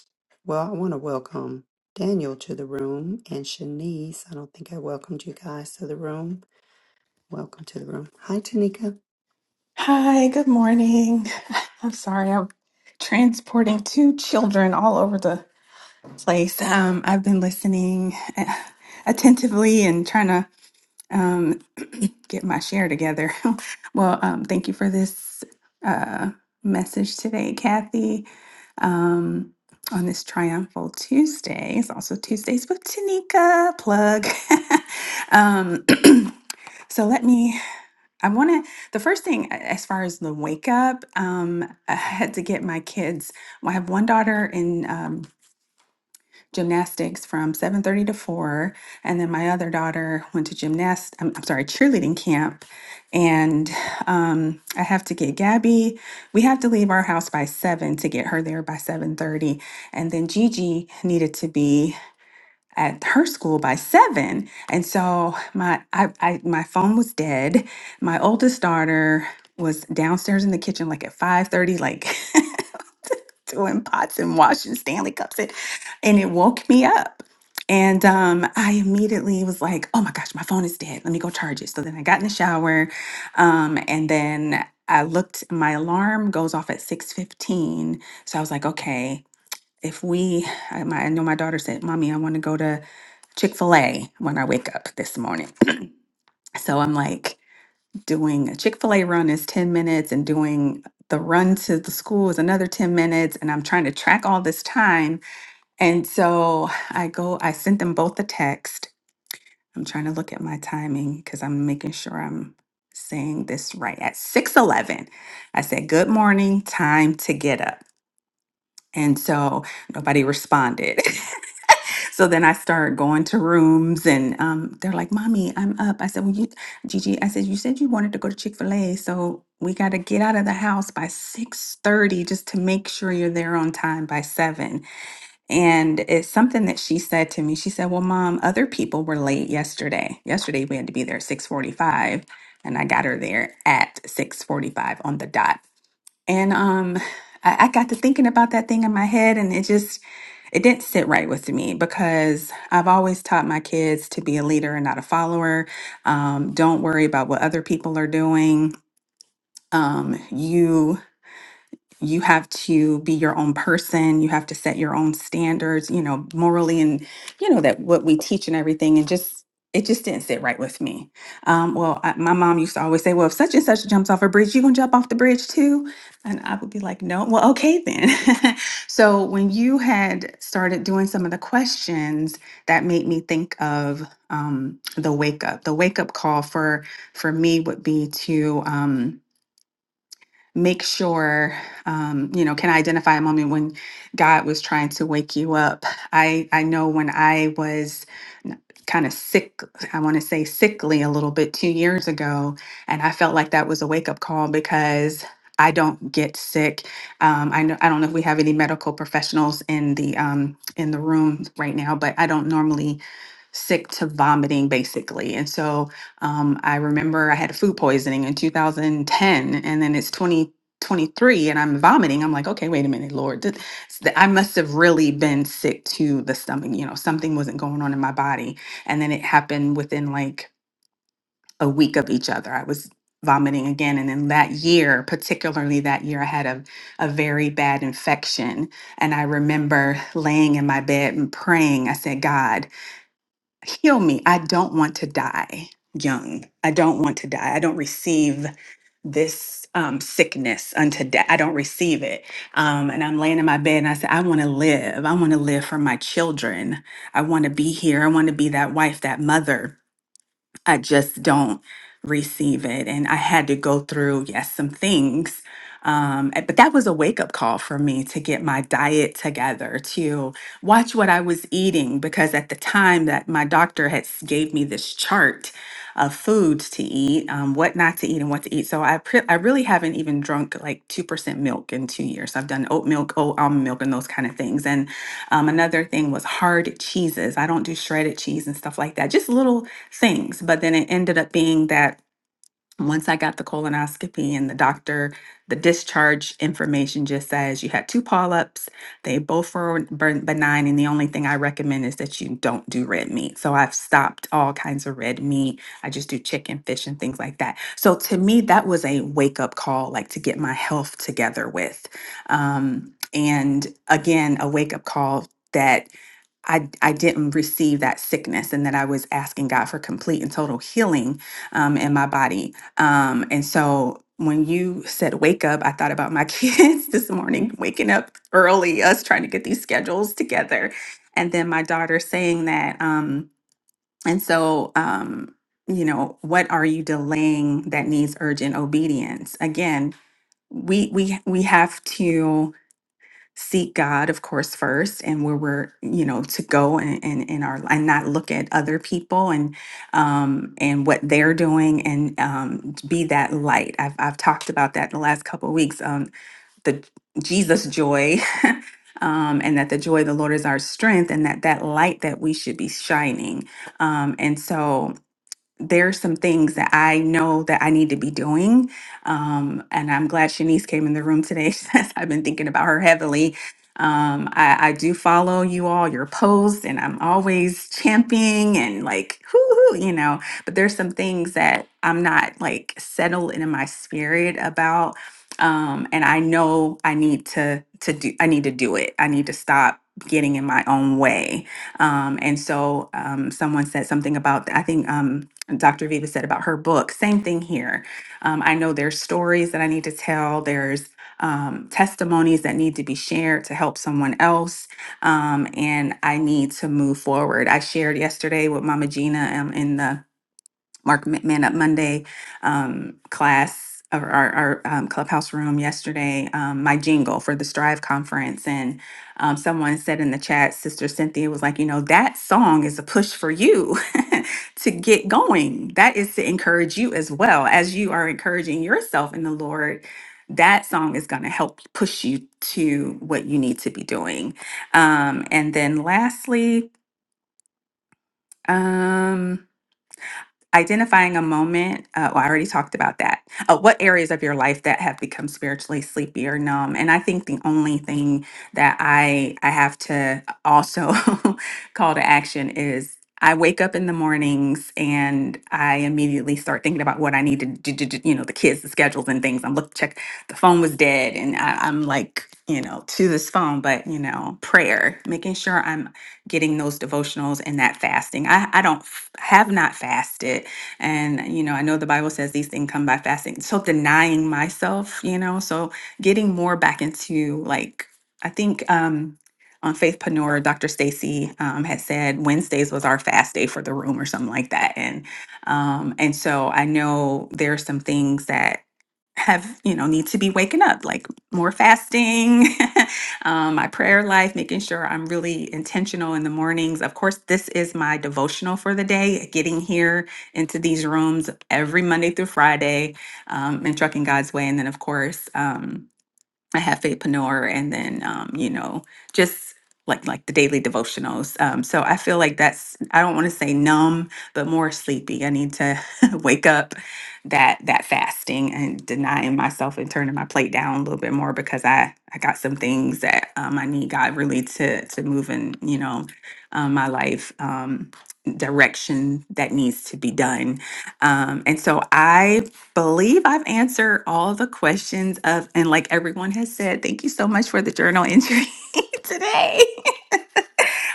well, I want to welcome Daniel to the room and Shanice. I don't think I welcomed you guys to the room. Welcome to the room. Hi, Tanika. Hi, good morning. *laughs* I'm sorry, I'm transporting two children all over the place. Um, I've been listening uh, attentively and trying to um, get my share together. *laughs* well, um, thank you for this uh, message today, Kathy, um, on this Triumphal Tuesday. It's also Tuesdays with Tanika plug. *laughs* um, *clears throat* so let me. I want to, the first thing a- as far as the wake up, um, *laughs* I had to get my kids. Well, I have one daughter in um, gymnastics from 7.30 to 4, and then my other daughter went to gymnast, I'm, I'm sorry, cheerleading camp. And um, I have to get Gabby. We have to leave our house by 7 to get her there by 7.30. And then Gigi needed to be at her school by seven. And so my I, I my phone was dead. My oldest daughter was downstairs in the kitchen like at 5:30, like *laughs* doing pots and washing Stanley cups and, and it woke me up. And um, I immediately was like, oh my gosh, my phone is dead. Let me go charge it. So then I got in the shower. Um, and then I looked, my alarm goes off at 6:15. So I was like, okay, if we I, my, I know my daughter said, Mommy, I want to go to Chick fil A when I wake up this morning. So I'm like, doing a Chick fil A run is 10 minutes, and doing the run to the school is another 10 minutes. And I'm trying to track all this time. And so I go, I sent them both a text. I'm trying to look at my timing because I'm making sure I'm saying this right. At 6:11, I said, "Good morning, time to get up." And so nobody responded. *laughs* So then I started going to rooms, and um, they're like, "Mommy, I'm up." I said, "Well, you, Gigi," I said, "You said you wanted to go to Chick Fil A, so we got to get out of the house by six thirty just to make sure you're there on time by seven." And it's something that she said to me. She said, "Well, Mom, other people were late yesterday. Yesterday we had to be there at six forty-five, and I got her there at six forty-five on the dot." And um, I, I got to thinking about that thing in my head, and it just it didn't sit right with me because I've always taught my kids to be a leader and not a follower. Um, don't worry about what other people are doing. Um, you you have to be your own person you have to set your own standards you know morally and you know that what we teach and everything and just it just didn't sit right with me um, well I, my mom used to always say well if such and such jumps off a bridge you gonna jump off the bridge too and i would be like no well okay then *laughs* so when you had started doing some of the questions that made me think of um, the wake up the wake up call for for me would be to um, make sure um, you know can identify a moment when god was trying to wake you up i i know when i was kind of sick i want to say sickly a little bit two years ago and i felt like that was a wake-up call because i don't get sick um, I, know, I don't know if we have any medical professionals in the um, in the room right now but i don't normally sick to vomiting basically and so um, i remember i had food poisoning in 2010 and then it's 2023 and i'm vomiting i'm like okay wait a minute lord did- s- th- i must have really been sick to the stomach you know something wasn't going on in my body and then it happened within like a week of each other i was vomiting again and then that year particularly that year i had a, a very bad infection and i remember laying in my bed and praying i said god heal me. I don't want to die young. I don't want to die. I don't receive this um, sickness unto death. I don't receive it. Um, and I'm laying in my bed and I said, I want to live. I want to live for my children. I want to be here. I want to be that wife, that mother. I just don't receive it. And I had to go through, yes, some things. Um, a- but that was a wake up call for me to get my diet together, to watch what I was eating, because at the time that my doctor had s- gave me this chart of foods to eat, um, what not to eat, and what to eat. So I pre- I really haven't even drunk like two percent milk in two years. I've done oat milk, oat almond milk, and those kind of things. And um, another thing was hard cheeses. I don't do shredded cheese and stuff like that. Just little things. But then it ended up being that once I got the colonoscopy and the doctor, the discharge information just says you had two polyps. They both were ben- benign. And the only thing I recommend is that you don't do red meat. So I've stopped all kinds of red meat. I just do chicken, fish, and things like that. So to me, that was a wake up call, like to get my health together with. Um, and again, a wake up call. That I, I didn't receive that sickness and that I was asking God for complete and total healing um, in my body. Um, and so when you said wake up, I thought about my *laughs* kids this morning, waking up early, us trying to get these schedules together. And then my daughter saying that. Um, and so, um, you know, what are you delaying that needs urgent obedience? Again, we we we have to seek God, of course, first, and where we're, you know, to go and and in in our and not look at other people and um and what they're doing and um to be that light. I've I've talked about that in the last couple of weeks. Um the Jesus joy. *laughs* Um, and that the joy of the Lord is our strength, and that that light that we should be shining. Um, and so there's some things that I know that I need to be doing. Um, and I'm glad Shanice came in the room today. *laughs* since I've been thinking about her heavily. Um, I, I do follow you all, your posts, and I'm always championing and like, whoo, you know, but there's some things that I'm not like settled in my spirit about. Um, and I know I need to to do I need to do it. I need to stop getting in my own way. Um, and so um, someone said something about I think um, Dr. Viva said about her book. Same thing here. Um, I know there's stories that I need to tell. There's um, testimonies that need to be shared to help someone else, um, and I need to move forward. I shared yesterday with Mama Gina um, in the Mark Ma- Man Up Monday um, class or our, our um, clubhouse room yesterday, um, my jingle for the Strive conference. And um, someone said in the chat, Sister Cynthia was like, you know, that song is a push for you *laughs* to get going. That is to encourage you as well as you are encouraging yourself in the Lord. That song is going to help push you to what you need to be doing. Um, and then lastly, um, identifying a moment uh, well i already talked about that uh, what areas of your life that have become spiritually sleepy or numb and i think the only thing that i i have to also *laughs* call to action is i wake up in the mornings and i immediately start thinking about what i need to do, do- do- you know the kids the schedules and things i'm look check the phone was dead and I, i'm like you know to this phone but you know prayer making sure i'm getting those devotionals and that fasting. I, I don't f- have not fasted. And, you know, I know the Bible says these things come by fasting. So denying myself, you know, so getting more back into like, I think, um, on Faith Panora, Dr. Stacy um, had said Wednesdays was our fast day for the room or something like that. And um, and so I know there are some things that have you know need to be waking up like more fasting *laughs* um, my prayer life making sure i'm really intentional in the mornings of course this is my devotional for the day getting here into these rooms every monday through friday um, and trucking god's way and then of course um, I have Faith Panor and then um, you know, just like like the daily devotionals. Um, so I feel like that's I don't want to say numb, but more sleepy. I need to *laughs* wake up that that fasting and denying myself and turning my plate down a little bit more because I I got some things that um, I need God really to to move in you know um, my life um, direction that needs to be done. Um, and so I believe I've answered all the questions of, and like everyone has said, thank you so much for the journal entry *laughs* today.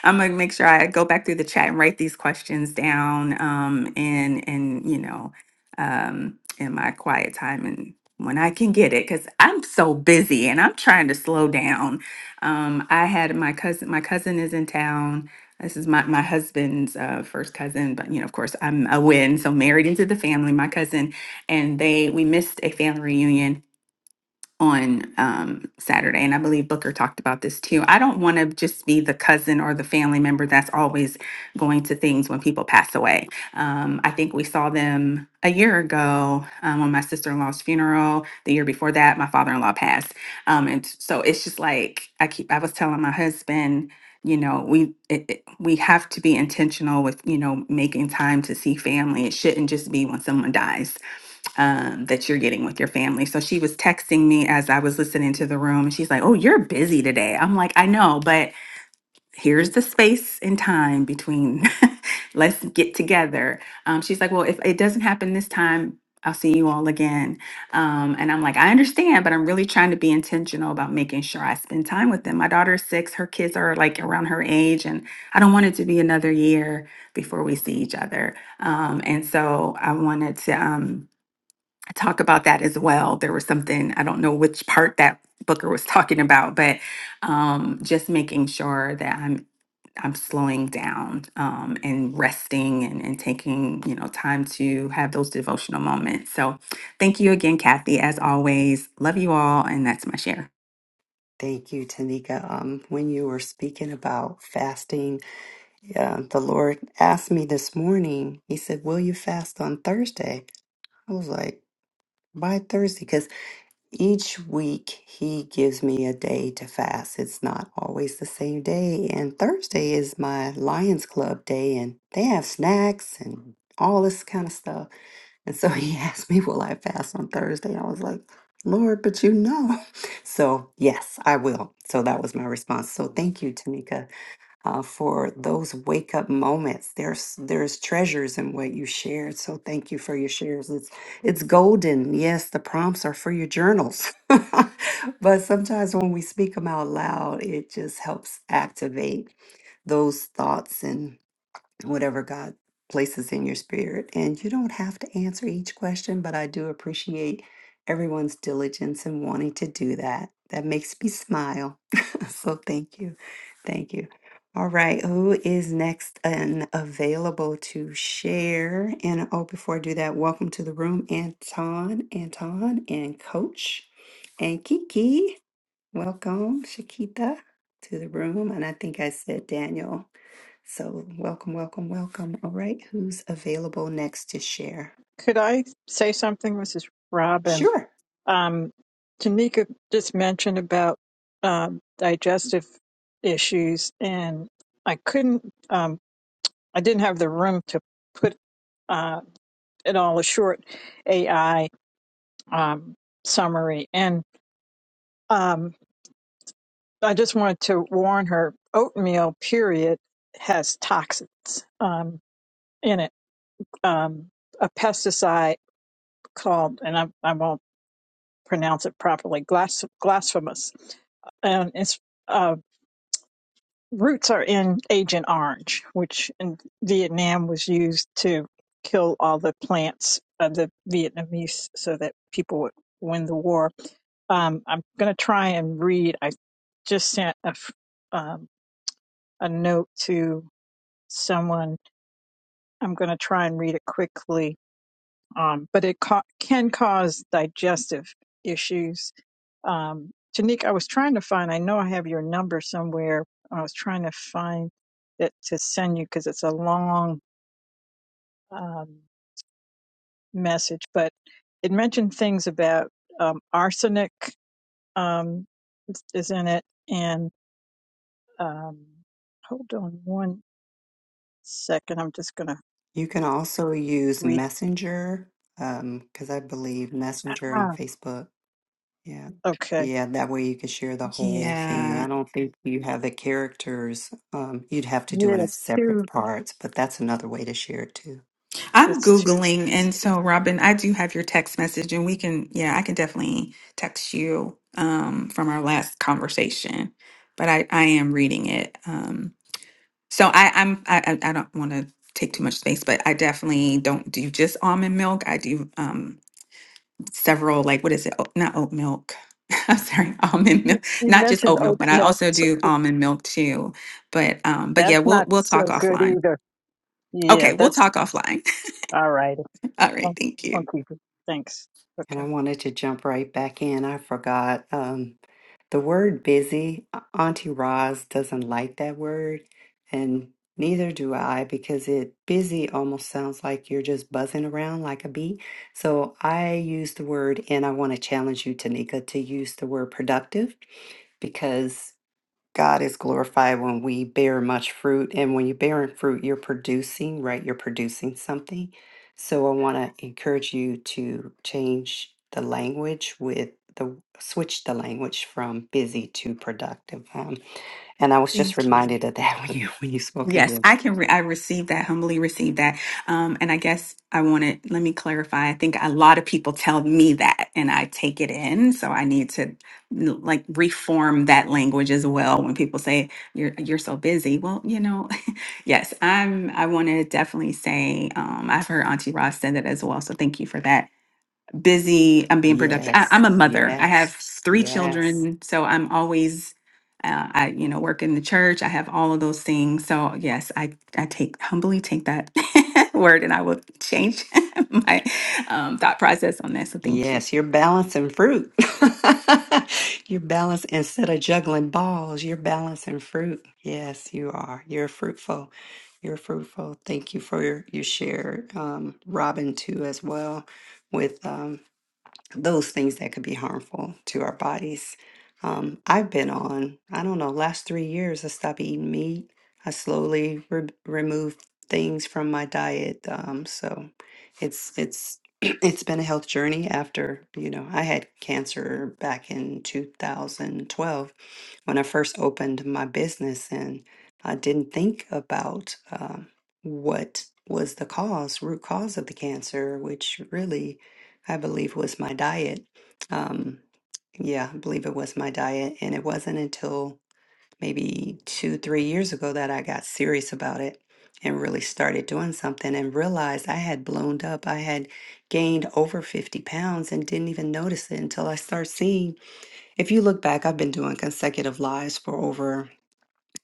I'm gonna make sure I go back through the chat and write these questions down. Um, and and you know, um, in my quiet time and when I can get it, because I'm so busy and I'm trying to slow down. Um, I had my cousin. My cousin is in town. This is my my husband's uh, first cousin, but you know, of course, I'm a win, so married into the family. My cousin and they we missed a family reunion on um, Saturday. And I believe Booker talked about this too. I don't want to just be the cousin or the family member that's always going to things when people pass away. Um, I think we saw them a year ago um, on my sister in law's funeral. The year before that, my father in law passed. Um, and so it's just like I keep, I was telling my husband, you know, we it, it- we have to be intentional with you know making time to see family. It shouldn't just be when someone dies um, that you're getting with your family. So she was texting me as I was listening to the room, and she's like, "Oh, you're busy today." I'm like, "I know, but here's the space and time between. *laughs* Let's get together." Um, she's like, "Well, if it doesn't happen this time." I'll see you all again. Um, and I'm like, I understand, but I'm really trying to be intentional about making sure I spend time with them. My daughter's six, her kids are like around her age, and I don't want it to be another year before we see each other. Um, and so I wanted to. Um, I talk about that as well. There was something, I don't know which part that Booker was *laughs* talking about, but um, just making sure that I'm I'm slowing down um, and resting and, and taking, you know, time to have those devotional moments. So thank you again, Kathy, as always. Love you all, and that's my share. Thank you, Tanika. Um, when you were speaking about fasting, yeah, the Lord asked me this morning, He said, Will you fast on Thursday? I was like, Why Thursday? Each week, he gives me a day to fast. It's not always the same day. And Thursday is my Lions Club day, and they have snacks and all this kind of stuff. And so he *laughs* asked me, Will I fast on Thursday? I was like, Lord, but you know. *laughs* So, yes, I will. So that was my response. So, thank you, Tanika uh, for those wake up moments. There's there's treasures in what you shared. So thank you for your shares. It's it's golden. Yes, the prompts are for your journals, *laughs* but sometimes when we speak them out loud, it just helps activate those thoughts whatever God places in your spirit. And you don't have to answer each question, but I do appreciate everyone's diligence in wanting to do that. That makes me smile. *laughs* so thank you. Thank you. All right, who is next and available to share? And oh, before I do that, welcome to the room, Anton, Anton, and Coach, and Kiki. Welcome, Shakita, to the room. And I think I said Daniel. So, welcome, welcome, welcome. All right, who's available next to share? Could I say something, Mrs. Robin? Sure. Um, Tanika just mentioned about um, digestive issues, and I couldn't, um, I didn't have the room to put uh, it all a short AI um, summary. And um, I just wanted to warn her oatmeal, period, has toxins um, in it. Um, a pesticide called, and I, I won't pronounce it properly, glas- glasphemous. And its uh, roots are in Agent Orange, which in Vietnam was used to kill all the plants of the Vietnamese so that people would win the war. Um, I'm going to try and read. I just sent a, f- um, a note to someone i'm going to try and read it quickly um, but it ca- can cause digestive issues um, Tanika, i was trying to find i know i have your number somewhere i was trying to find it to send you because it's a long um, message but it mentioned things about um, arsenic um, is is in it and um, hold on one second i'm just going to You can also use read Messenger, um, because I believe Messenger on ah, Facebook. Yeah. okay Yeah, that way you can share the whole Yeah. thing. I don't think you have the characters. Um, you'd have to do it in yes Two. separate parts, but that's another way to share it too. I'm It's too. Googling, It's and too so Robin, I do have your text message, and we can, yeah, I can definitely text you um, from our last conversation, but I, I am reading it. Um, so I, I'm, I, I I don't want to take too much space, but I definitely don't do just almond milk. I do um, several, like, what is it? Oat- Not oat milk. *laughs* I'm sorry, almond you, milk, you not just mentioned oat milk, oat but I milk. also t- do almond milk too. But, um, but yeah, That's we'll, not we'll so talk good offline. either. Yeah, Okay, we'll that's talk offline. all right. *laughs* All right, I'll, thank I'll you. keep it. Thanks. Okay. And I wanted to jump right back in. I forgot. Um, The word busy, Auntie Roz doesn't like that word, and neither do I because it busy almost sounds like you're just buzzing around like a bee. So I use the word, and I want to challenge you, Tanika, to use the word productive because. God is glorified when we bear much fruit. And when you're bearing fruit, you're producing, right? You're producing something. So I want to encourage you to change the language with the switch the language from busy to productive. Um, and I was just Thank you. reminded of that *laughs* when you when you spoke of Yes, your I can. Re- I received that, humbly received that. Um, and I guess I wanted, let me clarify. I think a lot of people tell me that and I take it in. So I need to like reform that language as well. When people say you're, you're so busy. Well, you know, *laughs* yes, I'm, I want to definitely say, um, I've heard Auntie Ross said that as well. So thank you for that busy. I'm being productive. I, yes, I'm a mother. I have yes, three yes. children, so I'm always, uh, I you know, work in the church. I have all of those things. So yes, I I take humbly take that *laughs* word, and I will change *laughs* my um, thought process on that. So thank you. Yes, you're balancing fruit. *laughs* you're balancing instead of juggling balls, you're balancing fruit. Yes, you are. You're fruitful. You're fruitful. Thank you for your, your share, um, Robin, too, as well, with um, those things that could be harmful to our bodies. Um, I've been on, I don't know, last three years, I stopped eating meat. I slowly re- removed things from my diet. Um, so it's, it's, *clears throat* it's been a health journey after, you know, I had cancer back in 2012 when I first opened my business and I didn't think about um, what was the cause, root cause of the cancer, which really I believe was my diet. Um, yeah, I believe it was my diet. And it wasn't until maybe two, three years ago that I got serious about it and really started doing something and realized I had blown up. I had gained over 50 pounds and didn't even notice it until I start seeing. If you look back, I've been doing consecutive lives for over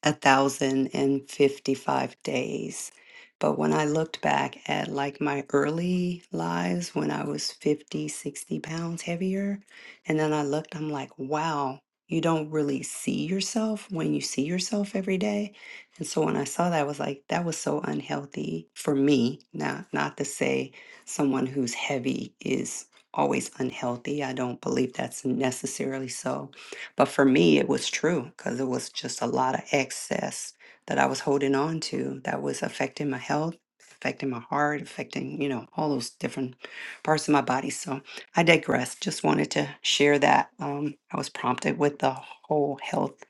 a thousand and fifty-five days. But when I looked back at like my early lives when I was 50, 60 pounds heavier, and then I looked, I'm like, wow, you don't really see yourself when you see yourself every day. And so when I saw that, I was like, that was so unhealthy for me. Not not to say someone who's heavy is always unhealthy. I don't believe that's necessarily so but for me, it was true because it was just a lot of excess that I was holding on to that was affecting my health, affecting my heart, affecting, you know, all those different parts of my body. So I digress. Just wanted to share that. Um, I was prompted with the whole health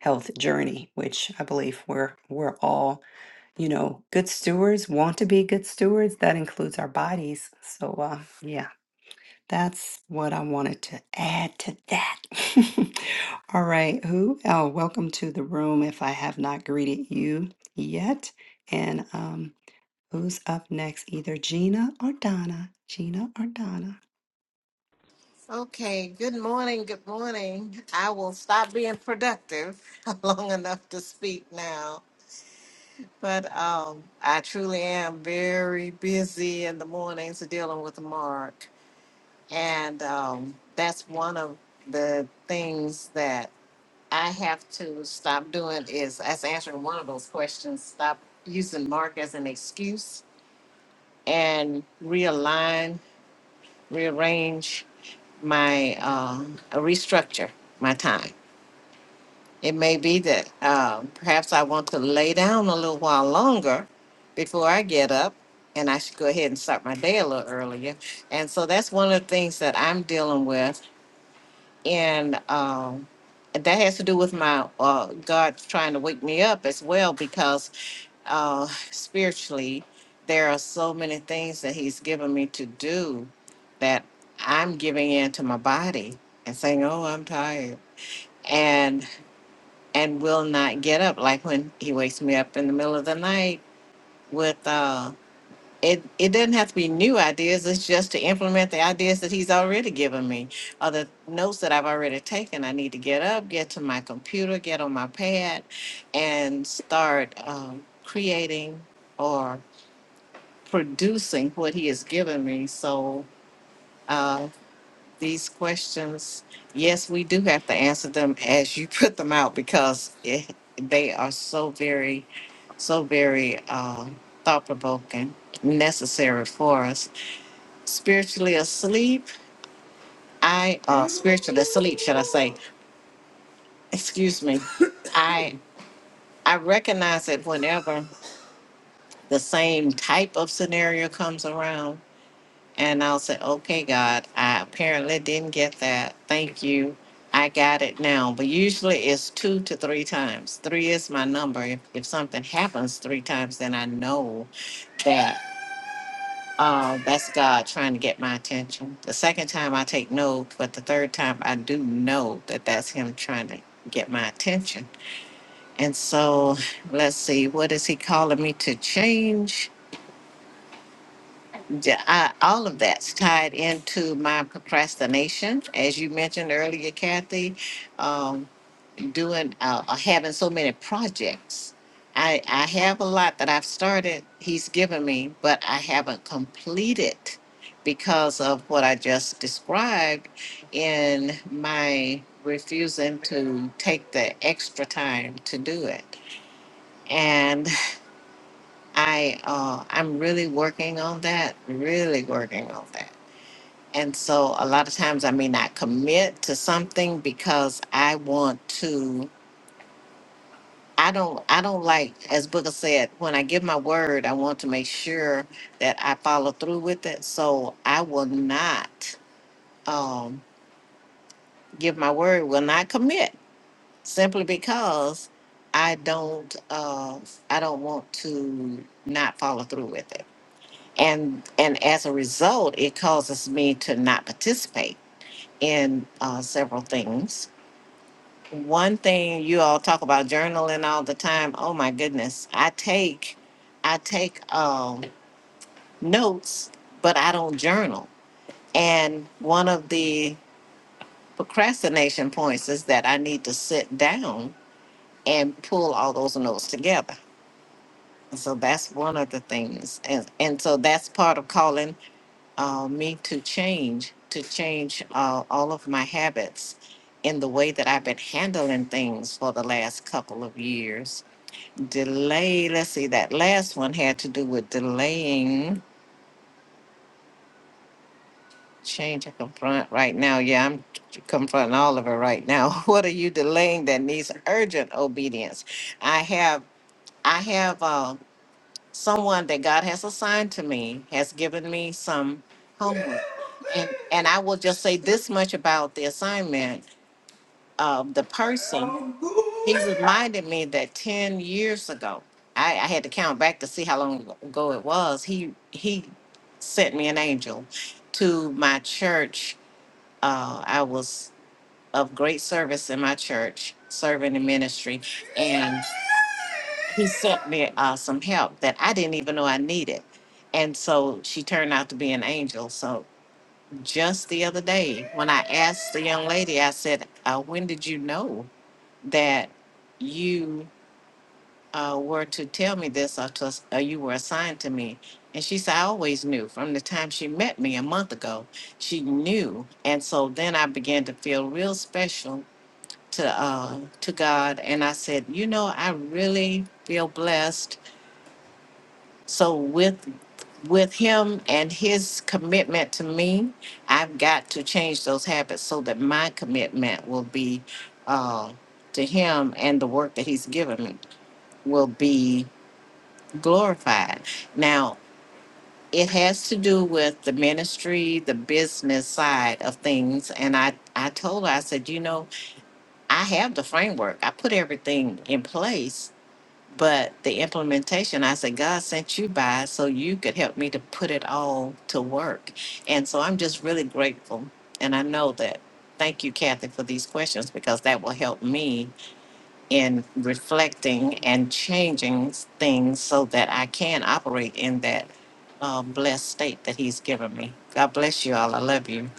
health journey, which I believe we're we're all, you know, good stewards, want to be good stewards. That includes our bodies. So uh, yeah, that's what I wanted to add to that. *laughs* All right, who? Oh, welcome to the room if I have not greeted you yet. And um, who's up next? Either Gina or Donna. Gina or Donna. Okay, good morning, good morning. I will stop being productive *laughs* long enough to speak now. But um, I truly am very busy in the mornings dealing with Mark. And um, that's one of the things that I have to stop doing is as answering one of those questions, stop using Mark as an excuse and realign rearrange my um, restructure my time. It may be that um, perhaps I want to lay down a little while longer before I get up, and I should go ahead and start my day a little earlier. And so that's one of the things that I'm dealing with, and um, that has to do with my uh, God trying to wake me up as well because uh, spiritually, there are so many things that He's given me to do that I'm giving in to my body and saying, "Oh, I'm tired," and and will not get up. Like when He wakes me up in the middle of the night with uh, it. It doesn't have to be new ideas. It's just to implement the ideas that He's already given me or the notes that I've already taken. I need to get up, get to my computer, get on my pad, and start um, creating. or producing what he has given me. So uh, these questions, yes, we do have to answer them as you *laughs* put them out because it, they are so very, so very uh, thought provoking, necessary for us. Spiritually asleep, I uh, spiritually asleep, should I say? Excuse me. I I recognize it whenever the same type of scenario comes around And I'll say, okay, God, I apparently didn't get that. Thank you. I got it now. But usually it's two to three times. Three is my number. If, if something happens three times, then I know that uh, that's God trying to get my attention. The second time I take note, but the third time I do know that that's Him trying to get my attention. And so let's see, what is He calling me to change? Yeah, I, all of that's tied into my procrastination, as you mentioned earlier, Kathy. Um, doing uh, uh, having so many projects, I I have a lot that I've started. He's given me, but I haven't completed because of what I just described in my refusing to take the extra time to do it. And I uh, I'm really working on that. Really working on that. And so a lot of times I may not commit to something because I want to I don't I don't like as Booker said, when I give my word, I want to make sure that I follow through with it. So I will not um give my word, will not commit simply because I don't uh I don't want to not follow through with it. And and as a result, it causes me to not participate in uh, several things one thing you all talk about journaling all the time. Oh my goodness. I take I take um notes, but I don't journal. And one of the procrastination points is that I need to sit down and pull all those notes together. And so that's one of the things. And and so that's part of calling uh, me to change, to change uh, all of my habits in the way that I've been handling things for the last couple of years delay. Let's see, that last one had to do with delaying change I confront right now. Yeah, I'm confronting all of it right now. *laughs* What are you delaying that needs urgent obedience? I have, I have uh, someone that God has assigned to me has given me some homework, and and I will just say this much about the assignment. Uh, the person. He reminded me that ten years ago, I, I had to count back to see how long ago it was. He he sent me an angel to my church. Uh, I was of great service in my church, serving in ministry, and he sent me uh, some help that I didn't even know I needed. And so she turned out to be an angel. So just the other day, when I asked the young lady, I said, uh, "When did you know that you?" uh, were to tell me this or, to, or you were assigned to me. And she said, I always knew from the time she met me a month ago, she knew. And so then I began to feel real special to, uh, to God. And I said, you know, I really feel blessed. So with, with him and his commitment to me, I've got to change those habits so that my commitment will be, uh, to him and the work that he's given me will be glorified. Now, it has to do with the ministry, the business side of things. And I, I told her, I said, you know, I have the framework, I put everything in place, but the implementation, I said, God sent you by so you could help me to put it all to work. And so I'm just really grateful. And I know that. Thank you, Kathy, for these questions because that will help me in reflecting and changing things so that I can operate in that uh, blessed state that He's given me. God bless you all. I love you.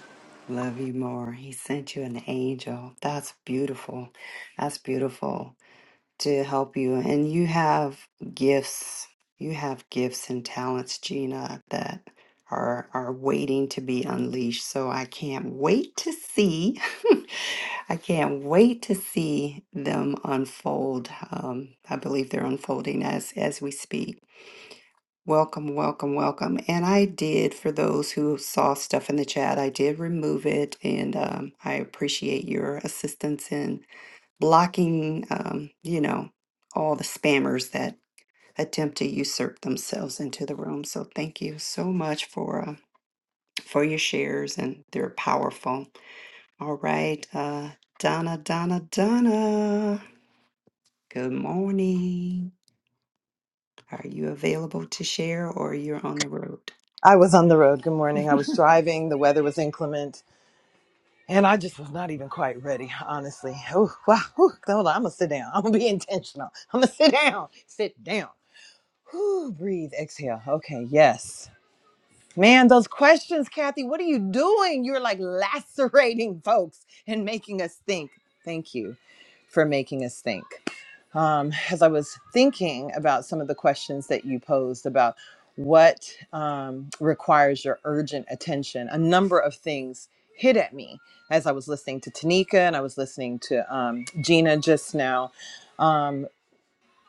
Love you more. He sent you an angel. That's beautiful. That's beautiful. to help you. And you have gifts, you have gifts and talents, Gina, that are are waiting to be unleashed. So I can't wait to see. *laughs* I can't wait to see them unfold. Um, I believe they're unfolding as as we speak. Welcome, welcome, welcome. And I did, for those who saw stuff in the chat, I did remove it. And um, I appreciate your assistance blocking, um, you know, all the spammers that attempt to usurp themselves into the room. So thank you so much for uh, for your shares, and they're powerful. All right, uh, Donna, Donna, Donna. Good morning. Are you available to share, or you're on the road? I was on the road. Good morning. *laughs* I was driving. The weather was inclement, and I just was not even quite ready, honestly. Oh, wow. Ooh, hold on. I'm going to sit down. *laughs* I'm going to be intentional. I'm going to sit down. Sit down. Ooh, breathe. Exhale. Okay. Yes. Man, those questions, Kathy, what are you doing? You're like lacerating folks and making us think. Thank you for making us think um, as I was thinking about some of the questions that you posed about what um, requires your urgent attention, a number of things hit at me as I was listening to Tanika and I was listening to um, Gina just now. Um,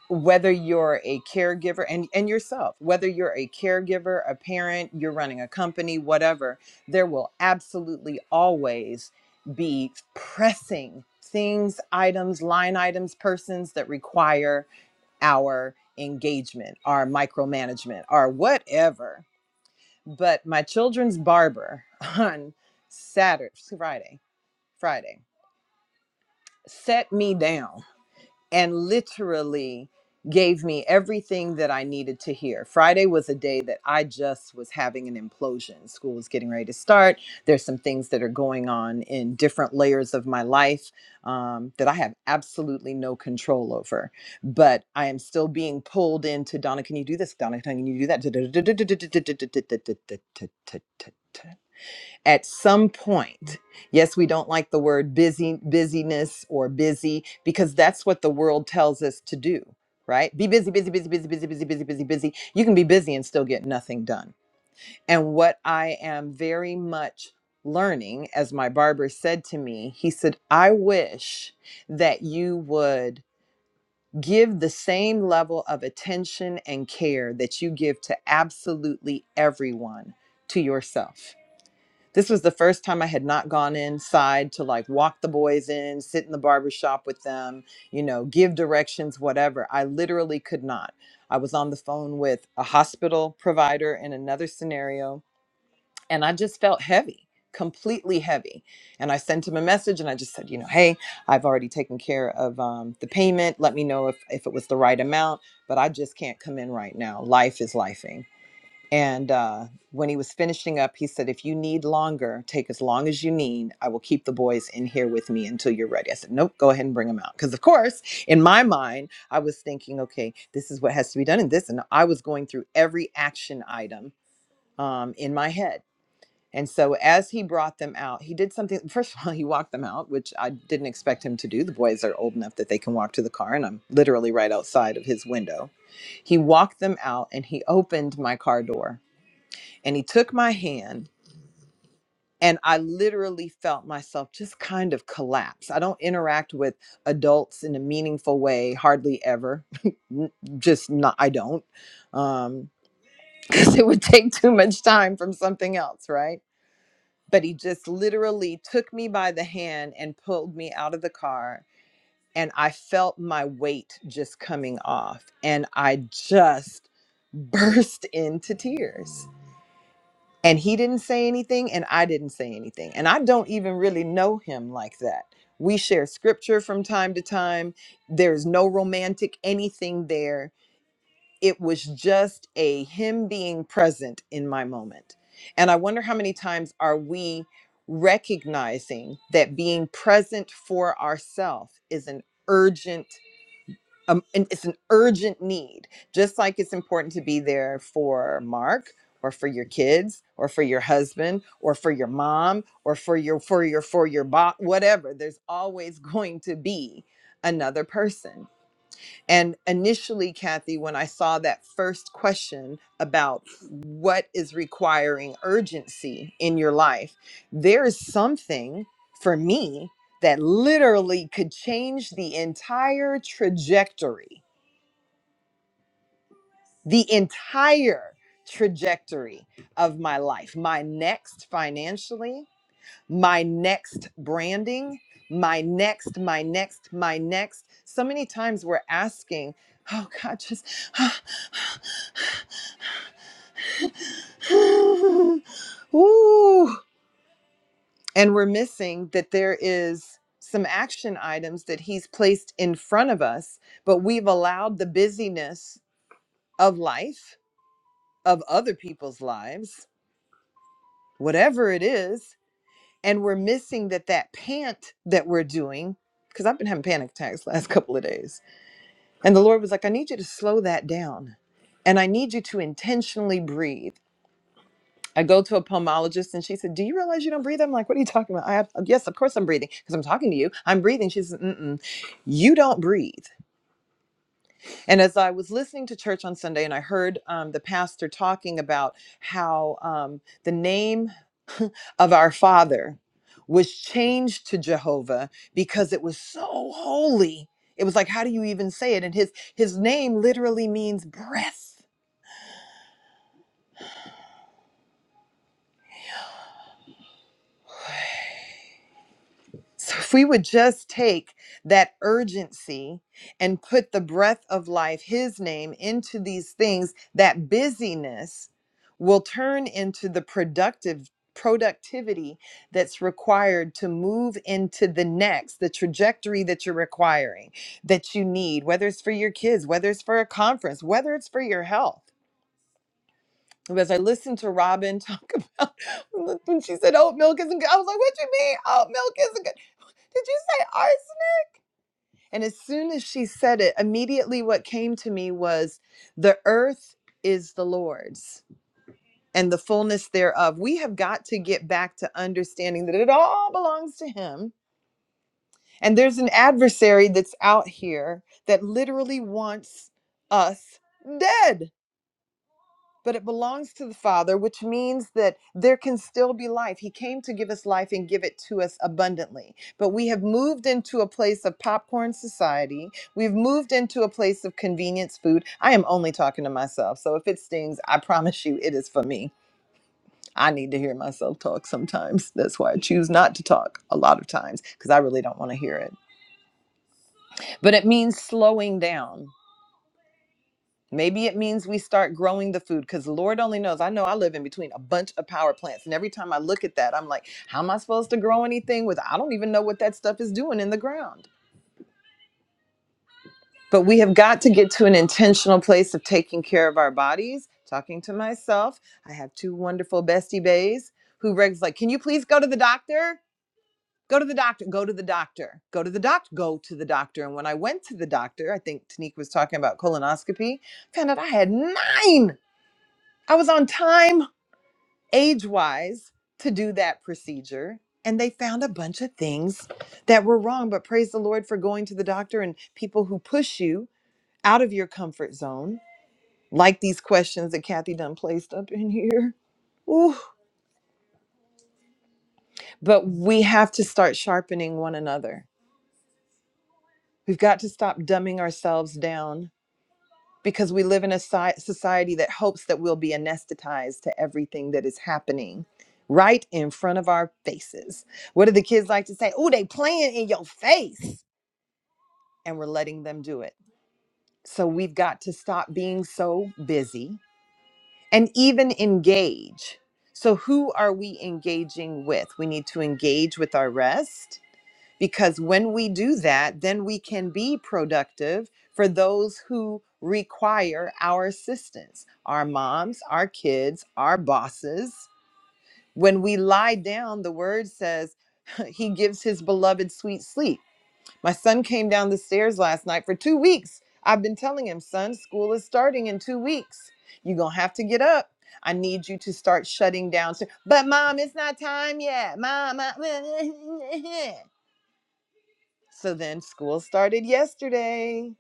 whether you're a caregiver and and yourself whether you're a caregiver a parent you're running a company whatever there will absolutely always be pressing things items line items persons that require our engagement our micromanagement our whatever but my children's barber *laughs* on saturday friday friday set me down and literally gave me everything that I needed to hear. Friday was a day that I just was having an implosion. School was getting ready to start. There's some things that are going on in different layers of my life um, that I have absolutely no control over. But I am still being pulled into Donna, can you do this? Donna, can you do that? at some point yes we don't like the word busy busyness or busy because that's what the world tells us to do right be busy busy busy busy busy busy busy busy busy you can be busy and still get nothing done and what i am very much learning as my barber said to me he said i wish that you would give the same level of attention and care that you give to absolutely everyone to yourself this was the first time I had not gone inside to like walk the boys in, sit in the barber shop with them, you know, give directions, whatever. I literally could not. I was on the phone with a hospital provider in another scenario, and I just felt heavy, completely heavy. And I sent him a message and I just said, you know, hey, I've already taken care of um, the payment. Let me know if, if it was the right amount, but I just can't come in right now. Life is lifing. And uh, when he was finishing up, he said, If you need longer, take as long as you need. I will keep the boys in here with me until you're ready. I said, Nope, go ahead and bring them out. Because, of course, in my mind, I was thinking, Okay, this is what has to be done in this. And I was going through every action item um, in my head. And so as he brought them out, he did something. *laughs* First of all, he walked them out, which I didn't expect him to do. The boys are old enough that they can walk to the car, and I'm literally right outside of his window. He walked them out and he opened my car door and he took my hand and i literally felt myself just kind of collapse i don't interact with adults in a meaningful way hardly ever *laughs* N- just not i don't um *laughs* because it would take too much time from something else right but he just literally took me by the hand and pulled me out of the car and i felt my weight just coming off and i just *laughs* burst into tears and he didn't say anything and i didn't say anything and i don't even really know him like that we share scripture from time to time there's no romantic anything there it was just a him being present in my moment and i wonder how many times are we recognizing that being present for ourselves is an urgent um, and it's an urgent need just like it's important to be there for mark or for your kids or for your husband or for your mom or for your for your for your bot whatever there's always *laughs* going to be another person and initially kathy when i saw that first question about what is requiring urgency in your life there is something for me that literally could change the entire trajectory the entire trajectory of my life my next financially, my next branding, my next, my next, my next. So many times we're asking, oh God, just, *sighs* ooh. And we're missing that there is some action items that He's placed in front of us, but we've allowed the busyness of life, of other people's lives, whatever it is and we're missing that that pant that we're doing because i've been having panic attacks *laughs* last couple of days and the lord was like i need you to slow that down and i need you to intentionally breathe i go to a pulmonologist and she said do you realize you don't breathe i'm like what are you talking about i have uh, yes of course i'm breathing because i'm talking to you i'm breathing she says Mm-mm, you don't breathe and as i was listening to church on sunday and i heard um, the pastor talking about how um, the name of our father was changed to Jehovah because it was so holy. It was like, how do you even say it? And his his name literally means breath. So if we would just take that urgency and put the breath of life, his name, into these things, that busyness will turn into the productive productivity that's required to move into the next, the trajectory that you're requiring, that you need, whether it's for your kids, whether it's for a conference, whether it's for your health. As I listened to Robin talk about *laughs* when she said oat milk isn't good, I was like, what do you mean oat milk isn't good? Did you say RC? And as soon as she said it, immediately what came to me was the earth is the Lord's and the fullness thereof. We have got to get back to understanding that it all belongs to Him. And there's an adversary that's out here that literally wants us dead but it belongs to the Father, which means that there can still be life. He came to give us life and give it to us abundantly. But we have moved into a place of popcorn society. We've moved into a place of convenience food. I am only talking to myself. So if it stings, I promise you it is for me. I need to hear myself talk sometimes. That's why I choose not to talk a lot of times because I really don't want to hear it. But it means slowing down Maybe it means we start growing the food because Lord only knows. I know I live in between a bunch of power plants. And every time I look at that, I'm like, how am I supposed to grow anything with? I don't even know what that stuff is doing in the ground. But we have got to get to an intentional place of taking care of our bodies. Talking to myself, I have two wonderful bestie bays who Reg's like, can you please go to the doctor? Go to the doctor, go to the doctor, go to the doctor, go to the doctor. And when I went to the doctor, I think Tanique was talking about colonoscopy, found out I had nine I was on time, age wise, to do that procedure. And they found a bunch of things that were wrong. But praise the Lord for going to the doctor and people who push you out of your comfort zone, like these questions that Kathy Dunn placed up in *laughs* here. Ooh. But we have to start sharpening one another. We've got to stop dumbing ourselves down because we live in a si- society that hopes that we'll be anesthetized to everything that is happening right in front of our faces. What do the kids like to say? Oh, they playing in your face. And we're letting them do it. So we've got to stop being so busy and even engage. So who are we engaging with? We need to engage with our rest because when we do that, then we can be productive for those who require our assistance our moms, our kids, our bosses. When we lie down, the word says, *laughs* He gives His beloved sweet sleep. My son came down the stairs last night for two weeks. I've been telling him, son, school is starting in two weeks. You're going to have to get up. I need you to start shutting down. So, but mom, it's not time yet. Mom, I- *laughs* So then school started yesterday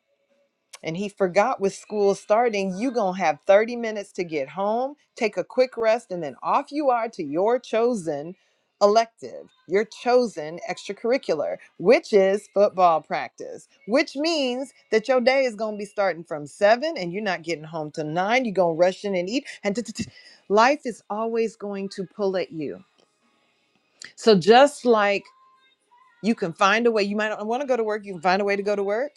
and he forgot with school starting, you going to have 30 minutes to get home, take a quick rest and then off you are to your chosen elective, your chosen extracurricular, which is football practice, which means that your day is going to be starting from 7 and you're not getting home till 9, you're going to rush in and eat and t- t- t- life is always going to pull at you. So just like you can find a way, you might not want to go to work, you can find a way to go to work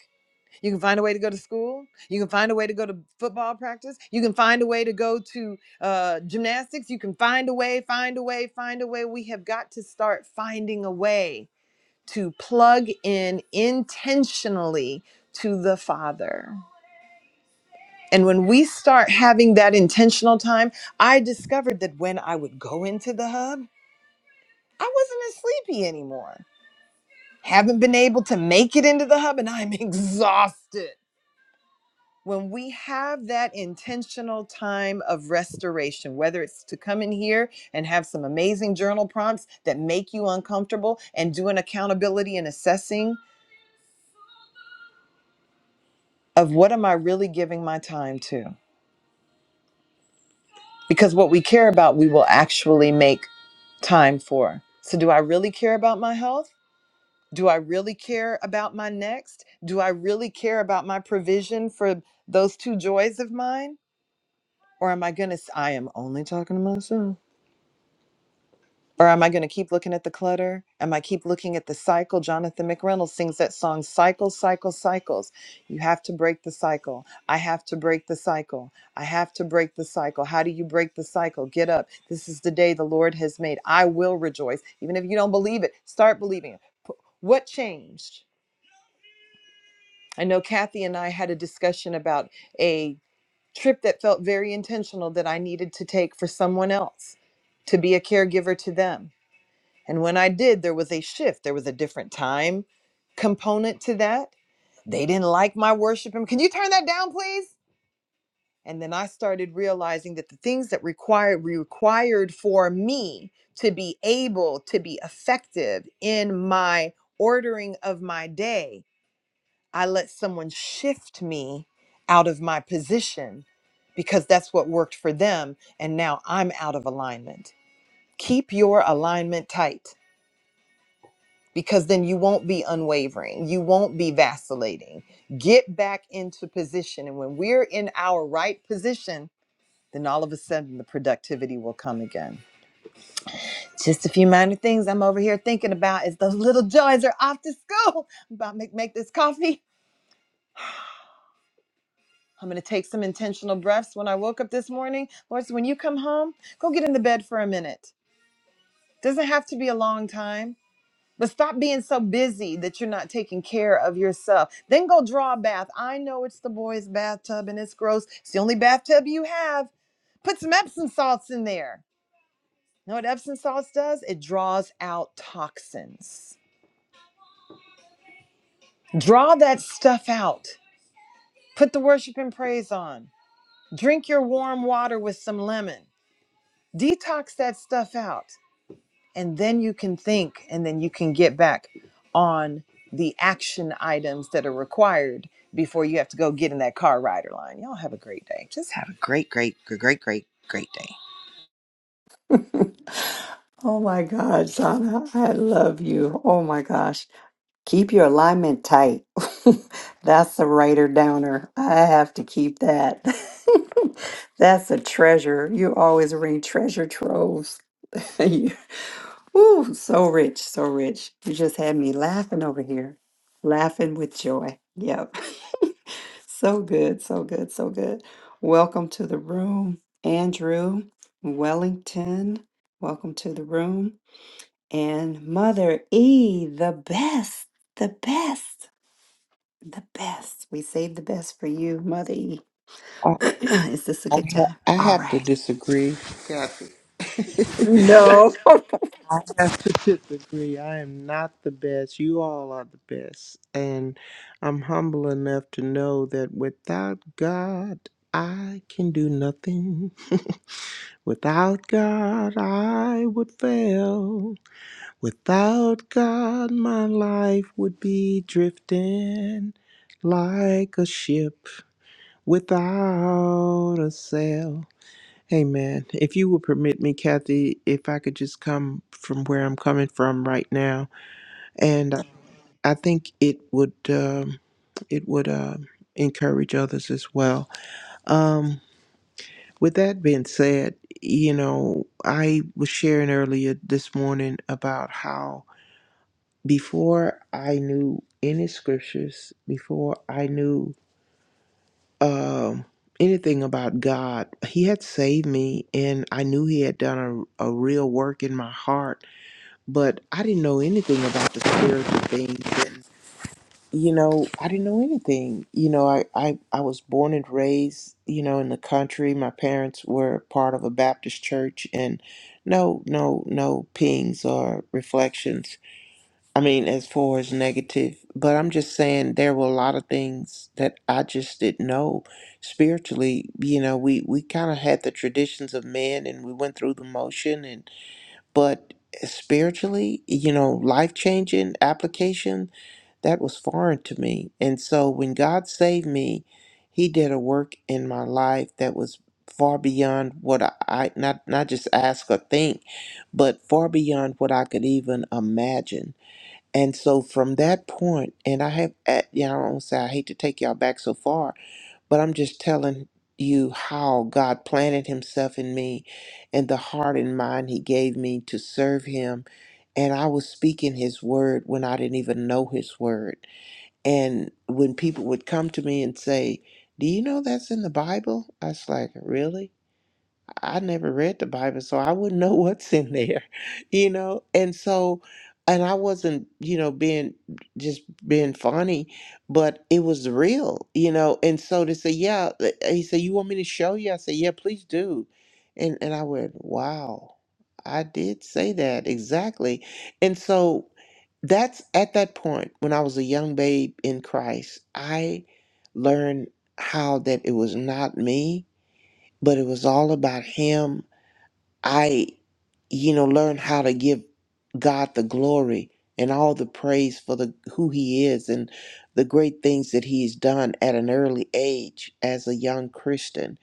you can find a way to go to school. You can find a way to go to football practice. You can find a way to go to uh, gymnastics. You can find a way, find a way, find a way. We have got to start finding a way to plug in intentionally to the Father. And when we start having that intentional time, I discovered that when I would go into the hub, I wasn't as sleepy anymore. Haven't been able to make it into the hub, and I'm *laughs* exhausted when we have that intentional time of restoration, whether it's to come in here and have some amazing journal prompts that make you uncomfortable and do an accountability and assessing of what am I really giving my time to? Because what we care about, we will actually make time for. So, do I really care about my health? Do I really care about my next? Do I really care about my provision for those two joys of mine? Or am I going to, I am only talking to myself Or am I going to keep looking at the clutter? Am I keep looking at the cycle? Jonathan McReynolds sings that song, Cycle, Cycle, Cycles. You have to break the cycle. I have to break the cycle. I have to break the cycle. How do you break the cycle? Get up. This is the day the Lord has made. I will rejoice. Even if you don't believe it, start believing it. P- What changed? I know Kathy and I had a discussion about a trip that felt very intentional that I needed to take for someone else to be a caregiver to them and when I did, there was a shift. There was a different time component to that. They didn't like my worship. And can you turn that down, please? And then I started realizing that the things that required required for me to be able to be effective in my ordering of my day, I let someone shift me out of my position because that's what worked for them. And now I'm out of alignment. Keep your alignment tight because then you won't be unwavering. You won't be vacillating. Get back into position. And when we're in our right position, then all of a sudden the productivity will come again. Just a few minor things I'm over here thinking about is those little joys are off to school. *laughs* I'm about to make, make this coffee. I'm going to take some intentional breaths when I woke up this morning. Lord, so when you come home, go get in the bed for a minute. Doesn't have to be a long time But stop being so busy that you're not taking care of yourself. Then go draw a bath. I know it's the boys' bathtub and it's gross. It's the only bathtub you have. Put some Epsom salts in there. You know what Epsom salts does? It draws out toxins. Draw that stuff out. Put the worship and praise on. Drink your warm water with some lemon. Detox that stuff out. and then you can think and then you can get back on the action items that are required before you have to go get in that car rider line. Y'all have a great day. Just have a great, great, great, great, great, great day. *laughs* oh my God, Zana, I love you. Oh my gosh. Keep your alignment tight. *laughs* That's a writer downer. I have to keep that. *laughs* That's a treasure. You always bring treasure troves. *laughs* You- Ooh, so rich, so rich. You just had me laughing over here, laughing with joy. Yep. *laughs* So good, so good, so good. Welcome to the room, Andrew Wellington. Welcome to the room. And Mother E, the best, the best. The best. We saved the best for you, Mother E. I, *clears throat* Is this a I, good ha- time? I All have to right. disagree, Kathy. *laughs* No. *laughs* I have to disagree. I am not the best. You all are the best. And I'm humble enough to know that without God, I can do nothing. *laughs* Without God, I would fail. Without God, my life would be drifting like a ship without a sail. Amen. If you would permit me, Kathy, if I could just come from where I'm coming from right now, and I I think it would um, it would um encourage others as well. Um, with that being said, you know, I was sharing earlier this morning about how before I knew any scriptures, before I knew um, anything about God. He had saved me, and I knew He had done a, a real work in my heart, but I didn't know anything about the spiritual things. And, you know, I didn't know anything. You know, I, I, I was born and raised, you know, in the country. My parents were part of a Baptist church, and no, no, no pings or reflections I mean, as far as negative, but I'm just saying there were a lot of things that I just didn't know spiritually. You know, we we kind of had the traditions of men, and we went through the motion, and but spiritually, you know, life changing application that was foreign to me. And so when God saved me, He did a work in my life that was far beyond what I, I not not just ask or think, but far beyond what I could even imagine. And so from that point, and I have, at, you know, I don't say I hate to take y'all back so far, but I'm just telling you how God planted Himself in me and the heart and mind He gave me to serve Him. And I was speaking His word when I didn't even know His word. And when people would come to me and say, Do you know that's in the Bible? I was like, Really? I never read the Bible, so I wouldn't know *laughs* what's in there, *laughs* you know? And so, and I wasn't, you know, being just being funny, but it was real, you know? And so to say, yeah, th- he said, You want me to show you? I said, Yeah, please do. And, and I went, Wow, I did say that exactly. And so that's at that point when I was a young babe in Christ, I learned how that it was not me but it was all about him. I, you know, learned how to give God the glory and all the praise for the who he is and the great things that he's done at an early age as a young Christian.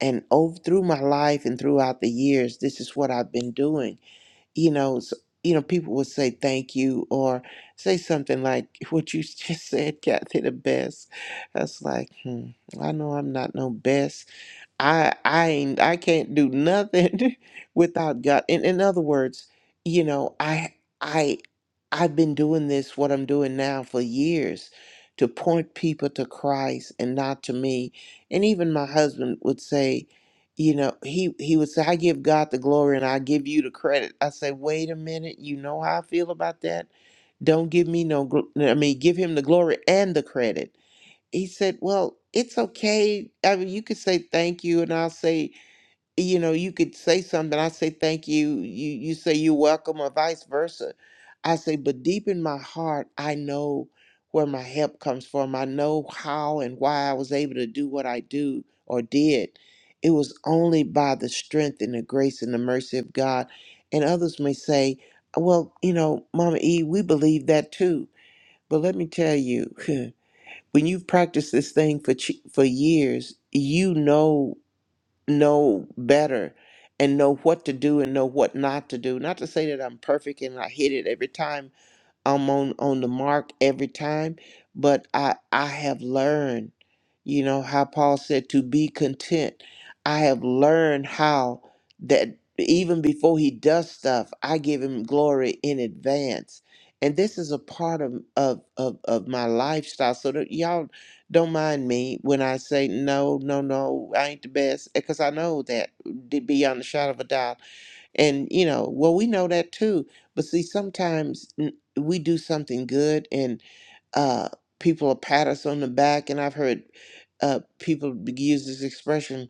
And over through my life and throughout the years, this is what I've been doing. You know, s you know, people would say thank you or say something like what you *laughs* just said, Kathy, the best. That's like, hmm, I know I'm not no best I I ain't I can't do nothing *laughs* without God. In in other words, you know, I I I've been doing this what I'm doing now for years to point people to Christ and not to me. And even my husband would say, you know, he he would say I give God the glory and I give you the credit. I say, "Wait a minute, you know how I feel about that? Don't give me no gl- I mean, give him the glory and the credit." he said, Well, it's okay. I mean, you could say thank you, and I'll say, you know, you could say something. I say thank you. You you say you're welcome, or vice versa. I say, but deep in my heart, I know where my help comes from. I know how and why I was able to do what I do or did. It was only by the strength and the grace and the mercy of God. And others may say, well, you know, Mama E, we believe that too. But let me tell you. *laughs* when you've practiced this thing for ch- for years, you know know better and know what to do and know what not to do. Not to say that I'm perfect and I hit it every time I'm on on the mark every time, but I I have learned, you know, how Paul said to be content. I have learned how that even before he does stuff, I give him glory in advance. And this is a part of of of, of my lifestyle. So that y'all don't mind me when I say no, no, no, I ain't the best, because I know that beyond the shadow of a doubt. And, you know, well, we know that too. But see, sometimes n- we do something good and uh, people will pat us on the back. And I've heard uh, people be- use this expression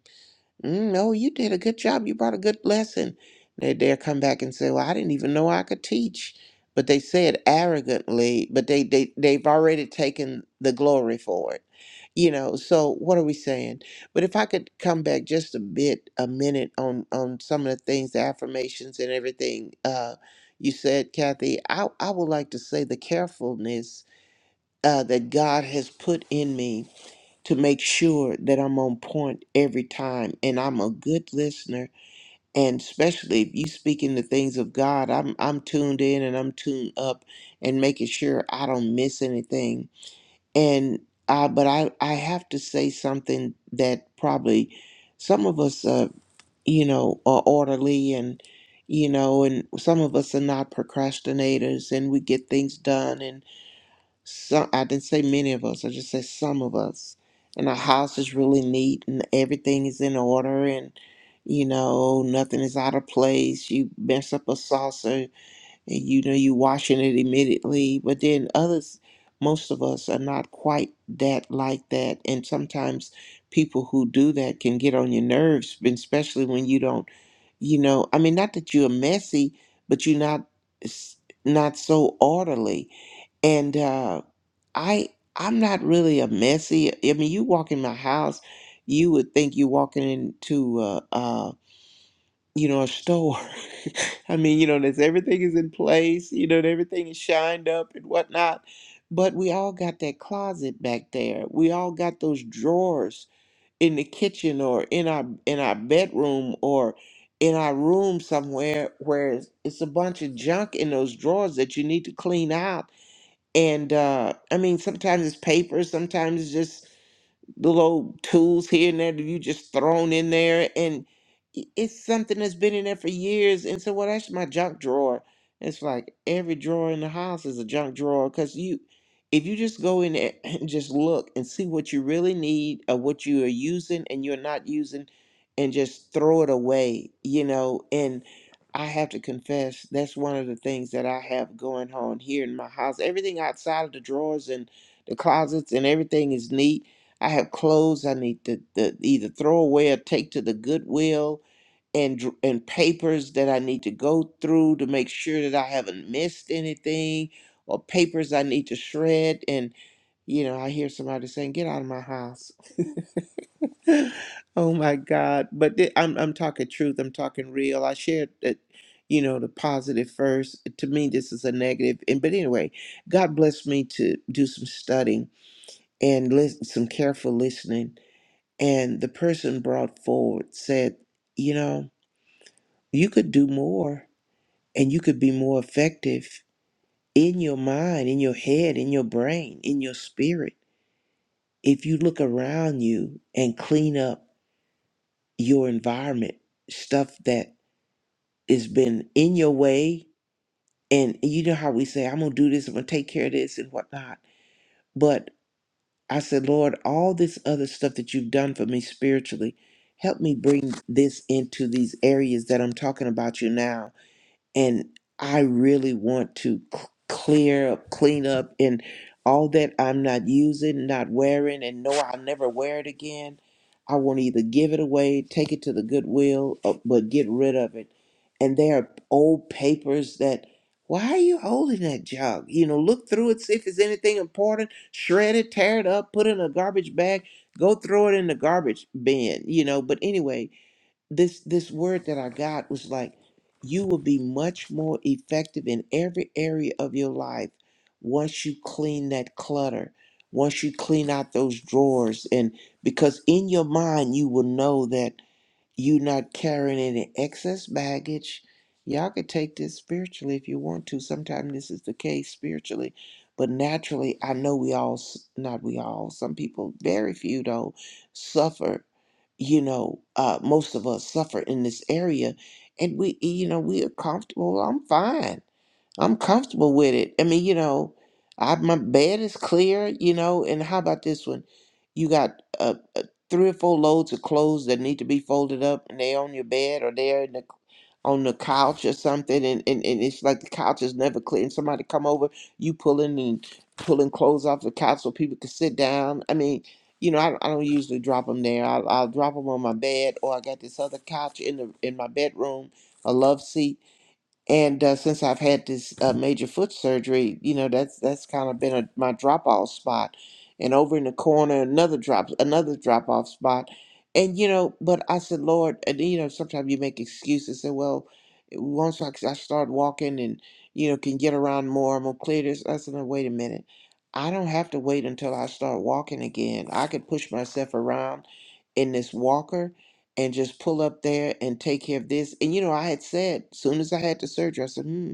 Mm, no, you did a good job. You brought a good lesson. They dare come back and say, "Well, I didn't even know I could teach," but they say it arrogantly. But they they they've already taken the glory for it, you know. So what are we saying? But if I could come back just a bit, a minute on on some of the things, the affirmations and everything uh, you said, Kathy, I I would like to say the carefulness uh, that God has put in me to make sure that I'm on point every time and I'm a good listener. And especially if you speak in the things of God, I'm I'm tuned in and I'm tuned up and making sure I don't miss anything. And uh, but I, I have to say something that probably some of us uh you know are orderly and you know and some of us are not procrastinators and we get things done some I didn't say many of us, I just said some of us. And our house is really neat and everything is in order and you know, nothing is out of place. You mess up a saucer and you know you washing it immediately. But then others most of us are not quite that like that. And sometimes people who do that can get on your nerves, and especially when you don't you know I mean not that you're messy, but you're not s- not so orderly. And uh, I I'm not really a messy. I mean, you walk in my house, you would think you walking into a, uh, you know, a store. *laughs* I mean, you know, there's everything is in place. You know, and everything is shined up and whatnot. But we all got that closet back there. We all got those drawers in the kitchen or in our in our bedroom or in our room somewhere where it's, it's a bunch of junk in those drawers that you need to clean out and uh, I mean, sometimes it's paper, sometimes it's just little tools here and there that you just thrown in there and i- it's something that's been in there for years and so well that's my junk drawer it's like every drawer in the house is a junk drawer because you if you just go in there *laughs* *clears throat* and just look and see what you really need or what you are using and you're not using and just throw it away you know and i have to confess that's one of the things that i have going on here in my house everything outside of the drawers and the closets and everything is neat I have clothes I need to, to either throw away or take to the goodwill, and dr- and papers that I need to go through to make sure that I haven't missed anything, or papers I need to shred. And you know, I hear somebody saying, "Get out of my house." *laughs* oh my God! But thi- I'm I'm talking truth. I'm talking real. I shared that. You know the positive first. To me, this is a negative. And but anyway, God blessed me to do some studying and listen, some careful listening and the person brought forward said, You know, you could do more and you could be more effective in your mind, in your head, in your brain, in your spirit. If you look around you and clean up your environment, stuff that has been in your way, and you know how we say, I'm going to do this, I'm going to take care of this and whatnot. But I said, Lord, all this other stuff that you've done for me spiritually, help me bring this into these areas that I'm talking about you now and I really want to c- clear up, clean up, and all that I'm not using, not wearing, and know I'll never wear it again. I want to either give it away, take it to the goodwill, or, but get rid of it. And there are old papers that, why are you holding that junk? You know, look through it, see if there's anything important, shred it, tear it up, put it in a garbage bag, go throw it in the garbage bin, you know. But anyway, this this word that I got was like, you will be much more effective in every area of your life once you clean that clutter, once you clean out those drawers, and because in your mind you will know that you not carrying any excess baggage. Y'all could take this spiritually if you want to. Sometimes this is the case spiritually, but naturally, I know we all, s- not we all, some people, very few though, suffer. You know, uh, most of us suffer in this area, and we, you know, we are comfortable. I'm fine. I'm comfortable with it. I mean, you know, I my bed is clear, you know, and how about this one? You got uh, uh, three or four loads of clothes that need to be folded up and they're on your bed or they're in the, on the couch or something and, and, and it's like the couch is never clear and somebody come over, you pulling and pulling clothes off the couch so people can sit down. I mean, you know, I, I don't usually drop them there. I, I'll drop them on my bed or I got this other couch in the in my bedroom, a love seat and uh, since I've had this uh, major foot surgery, you know, that's that's kind of been a, my drop off spot. And over in the corner, another drop, another drop off spot. And you know, but I said, Lord, and you know, sometimes you make excuses. Say, well, once I, I start walking and you know can get around more, I'm gonna clear this. I said, no, wait a minute, I don't have to wait until I start walking again. I could push myself around in this walker and just pull up there and take care of this. And you know, I had said soon as I had the surgery, I said, hmm.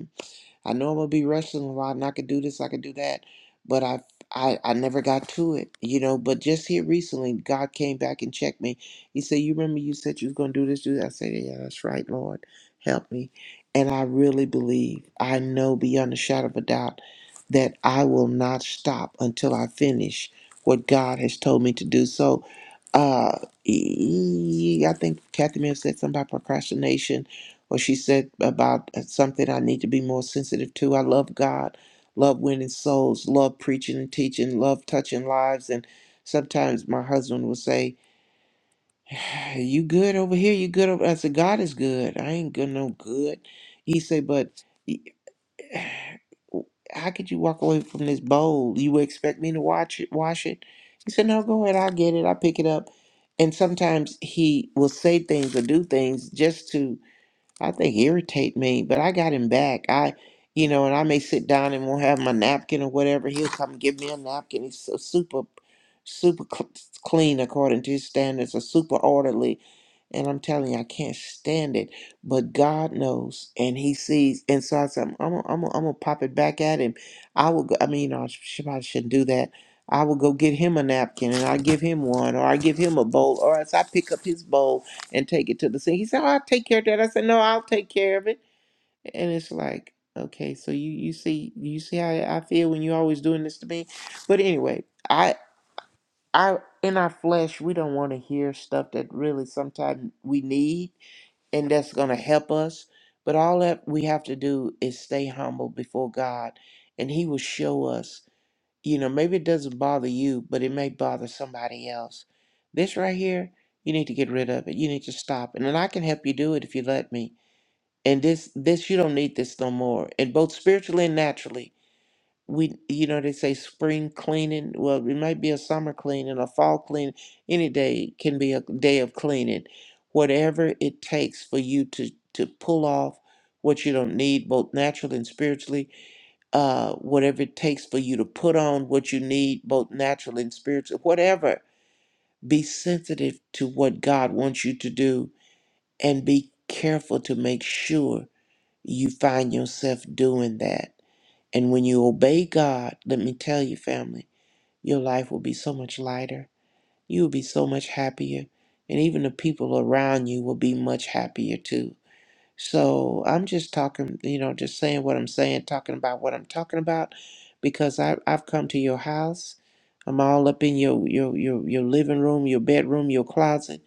I know I'm gonna be wrestling a lot, and I could do this, I could do that, but I, I, I never got to it, you know. But just here recently, God came back and checked me. He said, "You remember you said you was gonna do this, do that." I said, "Yeah, that's right, Lord, help me." And I really believe, I know beyond a shadow of a doubt, that I will not stop until I finish what God has told me to do. So, uh, e- e, e, I think Kathy may have said something about procrastination or she said about uh, something I need to be more sensitive to. I love God, love winning souls, love preaching and teaching, love touching lives. And sometimes my husband will say, "Hey, You good over here? You good over I said, God is good. I ain't good no good. He said, But *sighs* how could you walk away from this bowl? You would expect me to watch it, wash it. He said, No, go ahead, I'll get it, I'll pick it up. And sometimes he will say things or do things just to I think irritate me, but I got him back. I, you know, and I may sit down and won't have my napkin or whatever. He'll come give me a napkin. He's so super, super cl- clean according to his standards, or super orderly. And I'm telling you, I can't stand it. But God knows, and He sees. And so I said, I'm, I'm, I'm, I'm gonna pop it back at him. I will. Go, I mean, you know, I sh- probably shouldn't do that. I will go get him a napkin, and I give him one, or I give him a bowl, or as I pick up his bowl and take it to the sink. He said, "Oh, I'll take care of that." I said, "No, I'll take care of it." And it's like, okay, so you you see you see how I feel when you always doing this to me. But anyway, I I in our flesh we don't want to hear stuff that really sometimes we need and that's gonna help us. But all that we have to do is stay humble before God, and He will show us you know, maybe it doesn't bother you, but it may bother somebody else. This right here, you need to get rid of it. You need to stop. it. And then I can help you do it if you let me. And this this you don't need this no more. And both spiritually and naturally. We you know, they say spring cleaning. Well, it might be a summer cleaning, a fall cleaning. Any day can be a day of cleaning. Whatever it takes for you to to pull off what you don't need, both naturally and spiritually, uh, whatever it takes for you to put on what you need, both natural and spiritual, whatever. Be sensitive to what God wants you to do and be careful to make sure you find yourself doing that. And when you obey God, let me tell you, family, your life will be so much lighter. You will be so much happier. And even the people around you will be much happier too. So I'm just talking, you know, just saying what I'm saying, talking about what I'm talking about, because I I've come to your house. I'm all up in your your your your living room, your bedroom, your closet,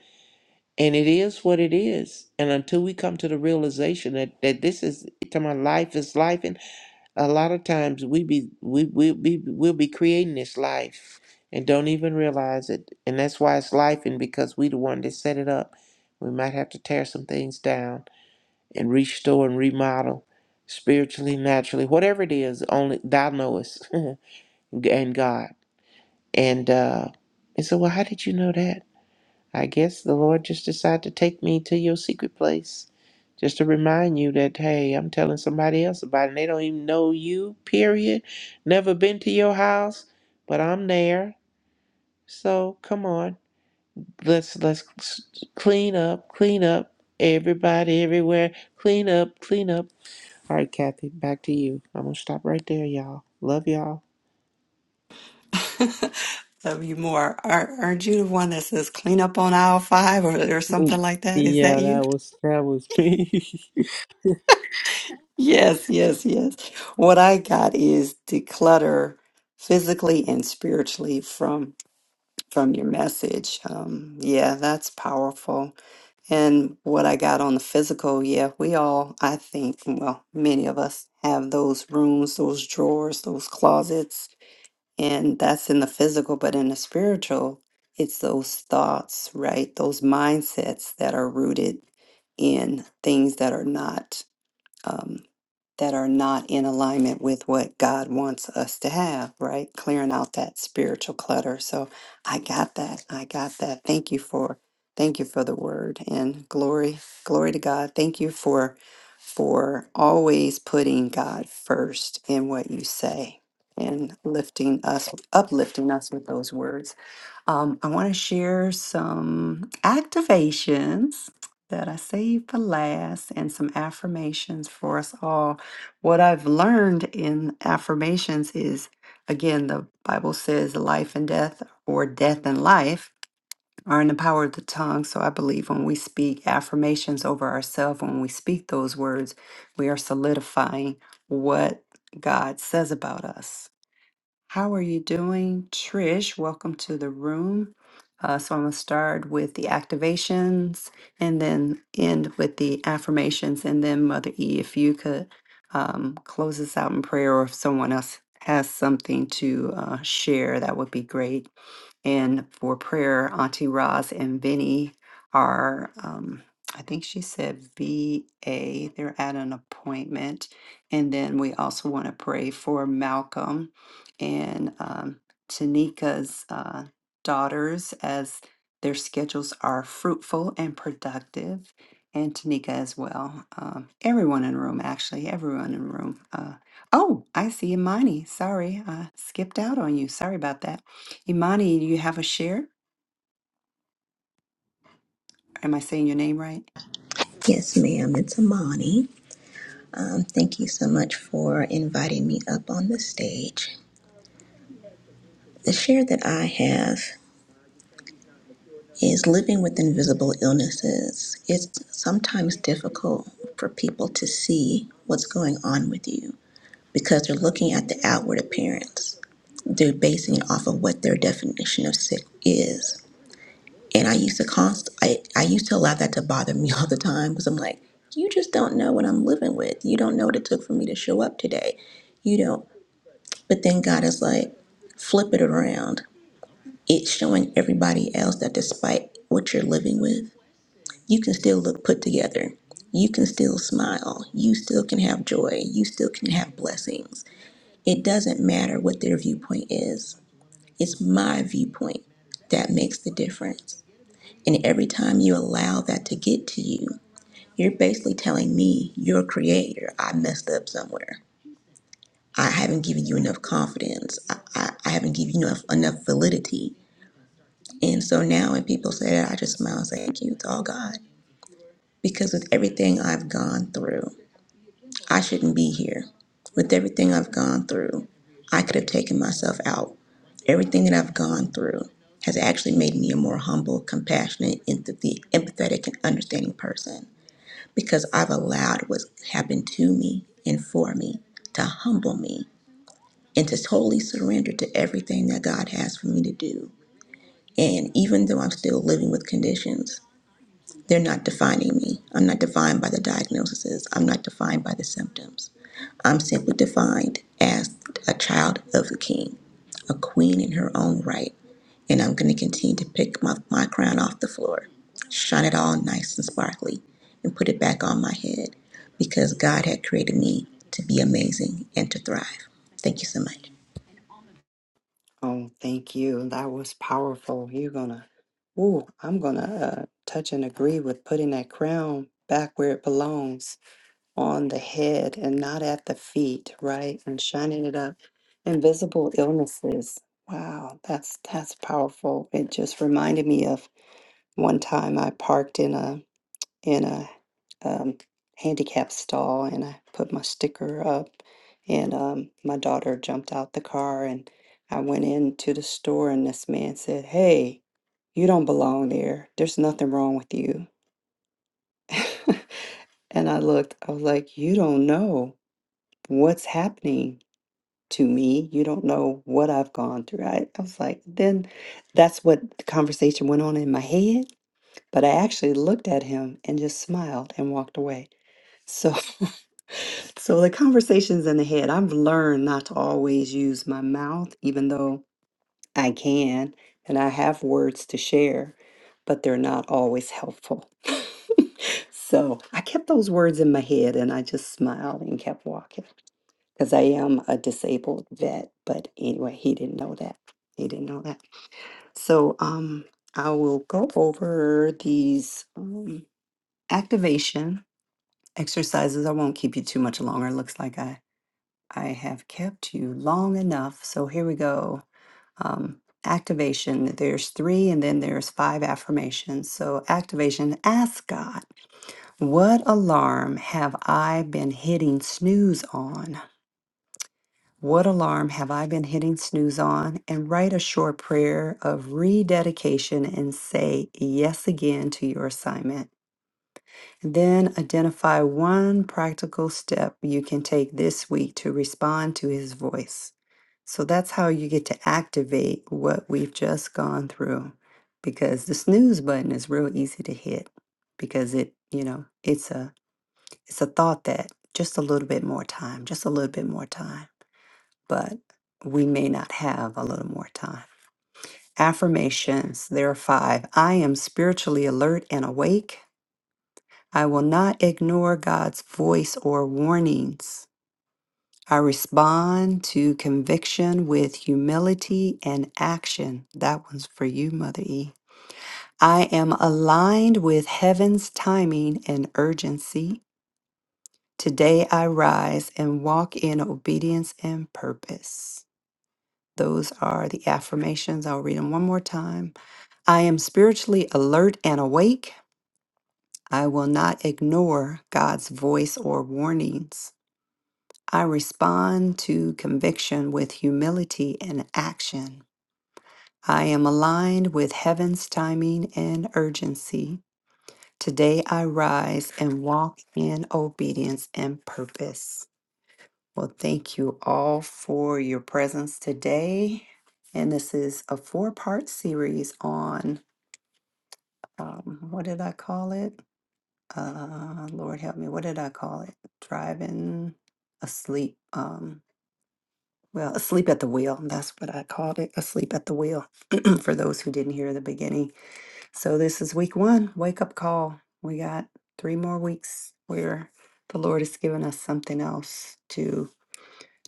and it is what it is. And until we come to the realization that that this is to my life is life, and a lot of times we be we we be we'll be creating this life and don't even realize it. And that's why it's life, and because we the one that set it up, we might have to tear some things down and restore and remodel spiritually, naturally, whatever it is, only thou knowest *laughs* and God. And uh and so well how did you know that? I guess the Lord just decided to take me to your secret place just to remind you that hey, I'm telling somebody else about it and they don't even know you, period. Never been to your house, but I'm there. So come on. Let's let's clean up, clean up everybody everywhere. Clean up, clean up All right, Kathy, back to you. I'm gonna stop right there, y'all. Love y'all. *laughs* Love you more. Are, aren't you the one that says clean up on aisle five or, or Mm. something like that? Is that Yeah, you? that was that was me. Yes, yes, yes. What I got is declutter physically and spiritually from from your message. Um, yeah, that's powerful. And what I got on the physical, yeah, we all, I think, well, many of us have those rooms, those drawers, those closets, and that's in the physical, but in the spiritual, it's those thoughts, right? Those mindsets that are rooted in things that are not um, that are not in alignment with what God wants us to have, right? Clearing out that spiritual clutter. So I got that. I got that. Thank you for thank you for the word and glory glory to God. Thank you for for always putting God first in what you say and lifting us uplifting us with those words. Um, I want to share some activations that I saved for last and some affirmations for us all. What I've learned in affirmations is again, the Bible says life and death, or death and life, are in the power of the tongue. So I believe when we speak affirmations over ourselves, when we speak those words, we are solidifying what God says about us. How are you doing, Trish? Welcome to the room. Uh, so, I'm going to start with the activations and then end with the affirmations. And then, Mother E, if you could um, close us out in prayer, or if someone else has something to uh, share, that would be great. And for prayer, Auntie Roz and Vinny are, um, I think she said VA, they're at an appointment. And then we also want to pray for Malcolm and um, Tanika's uh, daughters as their schedules are fruitful and productive. And Tanika as well. Um, everyone in the room, actually, everyone in the room. Uh, oh, I see Imani. Sorry, I skipped out on you. Sorry about that. Imani, you have a share? Am I saying your name right? Yes, ma'am. It's Amani. Um, thank you so much for inviting me up on the stage. The share that I have is living with invisible illnesses. It's sometimes difficult for people to see what's going on with you because they're looking at the outward appearance. They're basing it off of what their definition of sick is. And I used to const I, I used to allow that to bother me *laughs* all the time because I'm like, you just don't know what I'm living with. You don't know what it took for me to show up today. You don't. But then God is like, flip it around. It's showing everybody else that despite what you're living with, you can still look put together. You can still smile. You still can have joy. You still can have blessings. It doesn't matter what their viewpoint is. It's my viewpoint that makes the difference. And every time you allow that to get to you, you're basically telling me, your creator, I messed up somewhere. I haven't given you enough confidence. I, I, I haven't given you enough, enough validity. And so now when people say that, I just smile and say, thank you, it's all God. Because with everything I've gone through, I shouldn't be here. With everything I've gone through, I could have taken myself out. Everything that I've gone through has actually made me a more humble, compassionate, empathy, empathetic, and understanding person because I've allowed what's happened to me and for me to humble me and to totally surrender to everything that God has for me to do. And even though I'm still living with conditions, they're not defining me. I'm not defined by the diagnoses. I'm not defined by the symptoms. I'm simply defined as a child of the king, a queen in her own right. And I'm going to continue to pick my, my crown off the floor, shine it all nice and sparkly, and put it back on my head because God had created me to be amazing and to thrive. Thank you so much. Oh, thank you. That was powerful. You're gonna, ooh, I'm gonna uh, touch and agree with putting that crown back where it belongs. on the head and not at the feet, right? And shining it up. Invisible illnesses. Wow, that's that's powerful. It just reminded me of one time I parked in a in a um, handicap stall and I put my sticker up, and um, my daughter jumped out the car and I went into the store and this man said, "Hey, you don't belong there. There's nothing wrong with you." *laughs* and I looked. I was like, "You don't know." what's happening to me. You don't know what I've gone through. I, I was like, then that's what the conversation went on in my head. But I actually looked at him and just smiled and walked away. So, *laughs* so the conversations in the head, I've learned not to always use my mouth, even though I can and I have words to share, but they're not always helpful. *laughs* so I kept those words in my head and I just smiled and kept walking because I am a disabled vet. But anyway, he didn't know that. He didn't know that. So um, I will go over these um, activation exercises. I won't keep you too much longer. It looks like I I have kept you long enough. So here we go. Um, activation. There's three, and then there's five affirmations. So activation. Ask God, what alarm have I been hitting snooze on? What alarm have I been hitting snooze on? And write a short prayer of rededication and say yes again to your assignment. Then identify one practical step you can take this week to respond to his voice. So that's how you get to activate what we've just gone through because the snooze button is real easy to hit because it, you know, it's a it's a thought that just a little bit more time, just a little bit more time but we may not have a little more time. Affirmations, there are five. I am spiritually alert and awake. I will not ignore God's voice or warnings. I respond to conviction with humility and action. That one's for you, Mother E. I am aligned with heaven's timing and urgency. Today I rise and walk in obedience and purpose. Those are the affirmations. I'll read them one more time. I am spiritually alert and awake. I will not ignore God's voice or warnings. I respond to conviction with humility and action. I am aligned with heaven's timing and urgency. Today I rise and walk in obedience and purpose. Well, thank you all for your presence today. And this is a four part series on um, what did I call it? Uh, Lord help me, what did I call it? Driving asleep. Um, well, asleep at the wheel. That's what I called it asleep at the wheel *clears throat* for those who didn't hear the beginning. So, this is week one wake up call. We got three more weeks where the Lord has given us something else to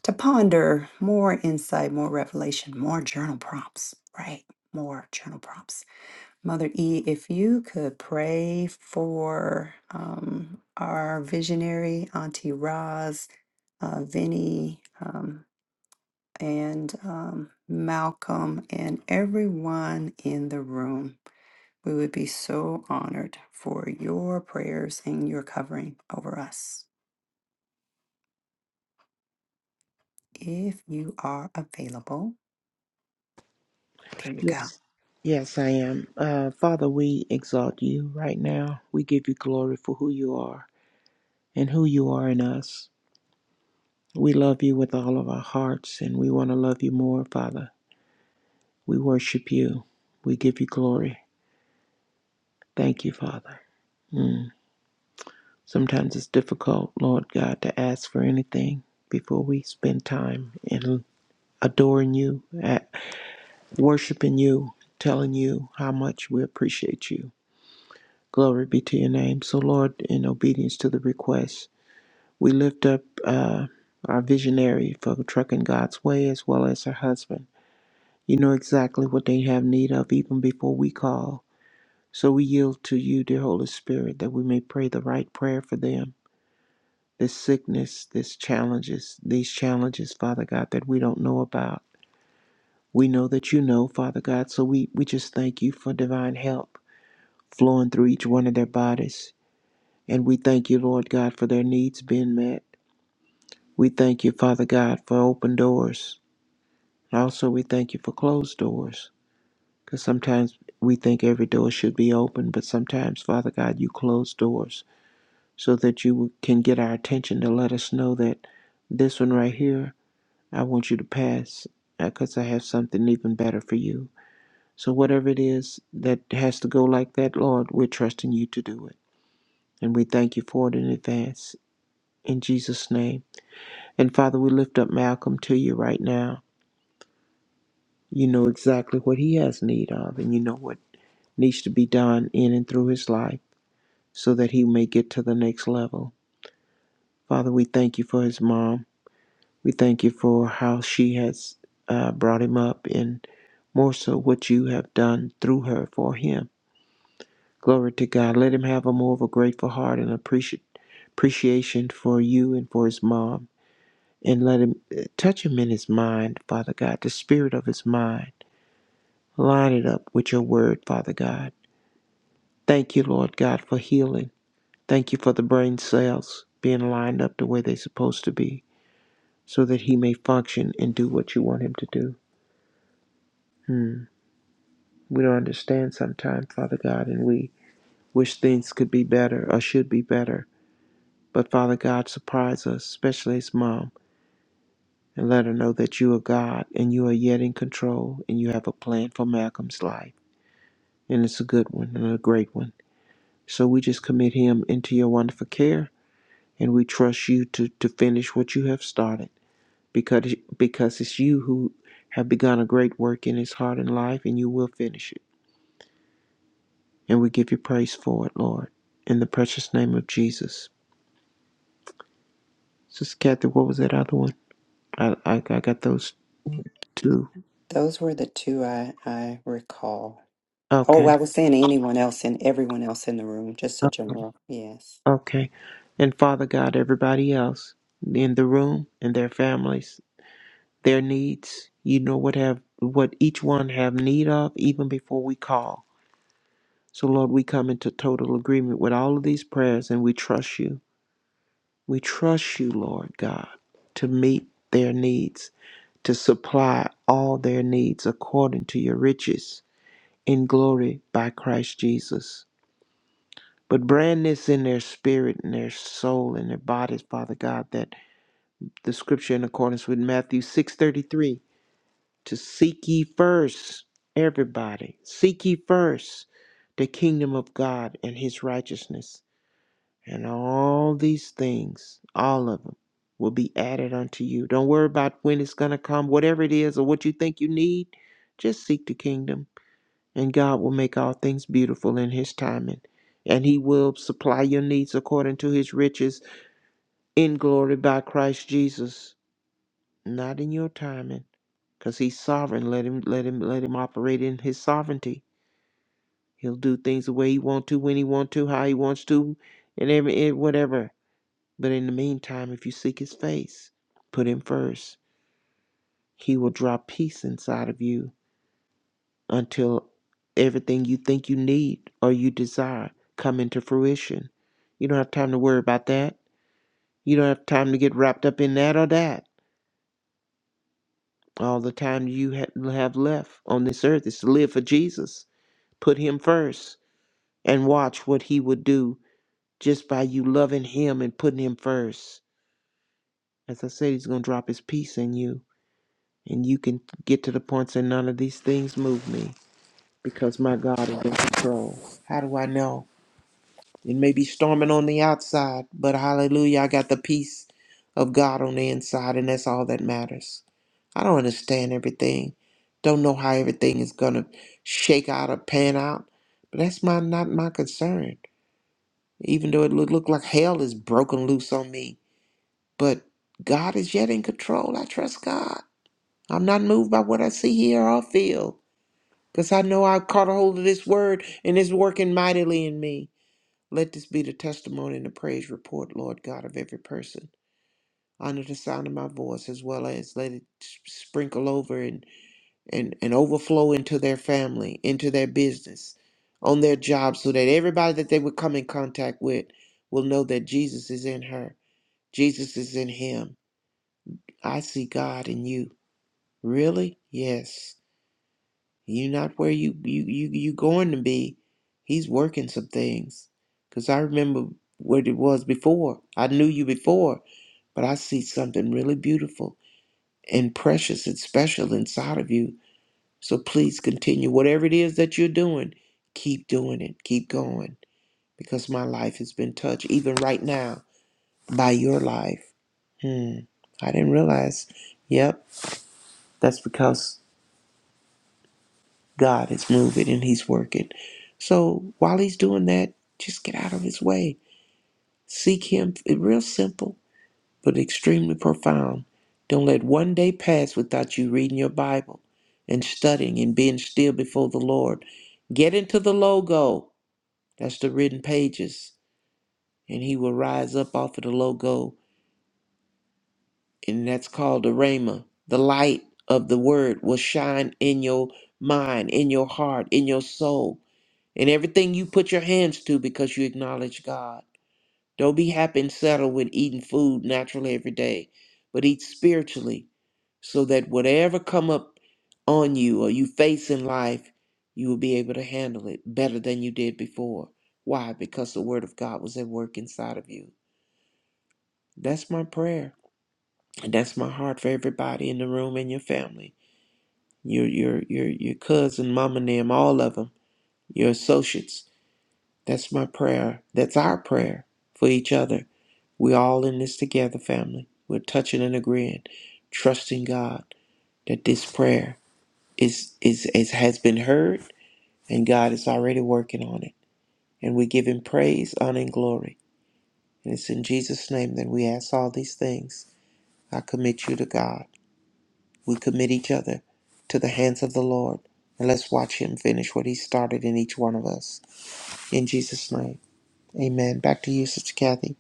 to ponder more insight, more revelation, more journal prompts, right? More journal prompts. Mother E, if you could pray for um, our visionary, Auntie Roz, uh, Vinny, um, and um, Malcolm, and everyone in the room, we would be so honored for your prayers and your covering over us. If you are available, there *laughs* you go. yes. Yes, I am. Uh, Father, we exalt you right now. We give you glory for who you are and who you are in us. We love you with all of our hearts, and we want to love you more, Father. We worship you. We give you glory. Thank you, Father. Mm. Sometimes it's difficult, Lord God, to ask for anything before we spend time in adoring you, at worshiping you, telling you how much we appreciate you. Glory be to your name. So, Lord, in obedience to the request, we lift up uh, our visionary for Trucking God's Way as well as her husband. You know exactly what they have need of even before we call. So we yield to you, dear Holy Spirit, that we may pray the right prayer for them. This sickness, this challenges, these challenges, Father God, that we don't know about. We know that you know, Father God, so we, we just thank you for divine help flowing through each one of their bodies. And we thank you, Lord God, for their needs being met. We thank you, Father God, for open doors. And also, we thank you for closed doors. Because sometimes we think every door should be open, but sometimes, Father God, you close doors so that you can get our attention to let us know that this one right here, I want you to pass because I have something even better for you. So, whatever it is that has to go like that, Lord, we're trusting you to do it. And we thank you for it in advance. In Jesus' name. And Father, we lift up Malcolm to you right now. You know exactly what he has need of, and you know what needs to be done in and through his life so that he may get to the next level. Father, we thank you for his mom. We thank you for how she has uh, brought him up, and more so what you have done through her for him. Glory to God. Let him have a more of a grateful heart and appreci- appreciation for you and for his mom. And let him uh, touch him in his mind, Father God, the spirit of his mind. Line it up with your word, Father God. Thank you, Lord God, for healing. Thank you for the brain cells being lined up the way they're supposed to be so that he may function and do what you want him to do. Hmm. We don't understand sometimes, Father God, and we wish things could be better or should be better But Father God, surprise us, especially his mom, and let her know that you are God and you are yet in control and you have a plan for Malcolm's life. And it's a good one and a great one. So we just commit him into your wonderful care and we trust you to, to finish what you have started because, because it's you who have begun a great work in his heart and life and you will finish it. And we give you praise for it, Lord, in the precious name of Jesus. Sister Kathy, what was that other one? I, I, I got those two. Those were the two I, I recall. Oh, Okay. I was saying to anyone else and everyone else in the room, just a general. Yes. Okay. And Father God, everybody else in the room and their families, their needs, you know what have what each one have need of even before we call. So Lord, we come into total agreement with all of these prayers and we trust you. We trust you, Lord God, to meet their needs, to supply all their needs according to your riches in glory by Christ Jesus. But brand this in their spirit and their soul and their bodies, Father God, that the scripture in accordance with Matthew 6:33 to seek ye first everybody seek ye first the kingdom of God and his righteousness and all these things all of them will be added unto you don't worry about when it's going to come whatever it is or what you think you need just seek the kingdom and God will make all things beautiful in his timing and he will supply your needs according to his riches in glory by Christ Jesus not in your timing because he's sovereign let him let him let him operate in his sovereignty he'll do things the way he want to when he want to how he wants to and every and whatever but in the meantime if you seek his face put him first he will drop peace inside of you until everything you think you need or you desire come into fruition you don't have time to worry about that you don't have time to get wrapped up in that or that all the time you ha- have left on this earth is to live for jesus Put him first and watch what he would do just by you loving him and putting him first. As I said, he's going to drop his peace in you. And you can get to the point saying, none of these things move me because my God is in control. How do I know? It may be storming on the outside, but hallelujah, I got the peace of God on the inside, and that's all that matters. I don't understand everything. Don't know how everything is going to shake out or pan out, but that's my, not my concern. even though it looked look like hell is broken loose on me. But God is yet in control. I trust God. I'm not moved by what I see, hear, or feel, because I know I've caught a hold of this word and it's working mightily in me. Let this be the testimony and the praise report, Lord God, of every person. Under the sound of my voice, as well as let it s- sprinkle over and, and, and overflow into their family, into their business, on their job, so that everybody that they would come in contact with will know that Jesus is in her Jesus is in him. I see God in you. Really? Yes. You not where you you you you going to be. He's working some things. Cause I remember what it was before. I knew you before, but I see something really beautiful and precious and special inside of you. So please continue whatever it is that you're doing. Keep doing it. Keep going. Because my life has been touched, even right now, by your life. Hmm. I didn't realize. Yep. That's because God is moving and He's working. So while He's doing that, just get out of His way. Seek Him. It's real simple, but extremely profound. Don't let one day pass without you reading your Bible and studying and being still before the Lord. Get into the logo. That's the written pages. And He will rise up off of the logo. And that's called the Rhema. The light of the Word will shine in your mind, in your heart, in your soul and everything you put your hands to because you acknowledge God. Don't be happy and settled with eating food naturally every day, but eat spiritually so that whatever come up on you or you face in life, you will be able to handle it better than you did before. Why? Because the word of God was at work inside of you. That's my prayer. And that's my heart for everybody in the room and your family. Your your your your cousin, mama and them, all of them, your associates That's my prayer. That's our prayer for each other. We're all in this together, family. We're touching and agreeing, trusting God that this prayer is, is, is has been heard and God is already working on it. And we give him praise, honor, and glory. And it's in Jesus' name that we ask all these things. I commit you to God. We commit each other to the hands of the Lord. And let's watch him finish what he started in each one of us. In Jesus' name. Amen. Back to you, Sister Kathy.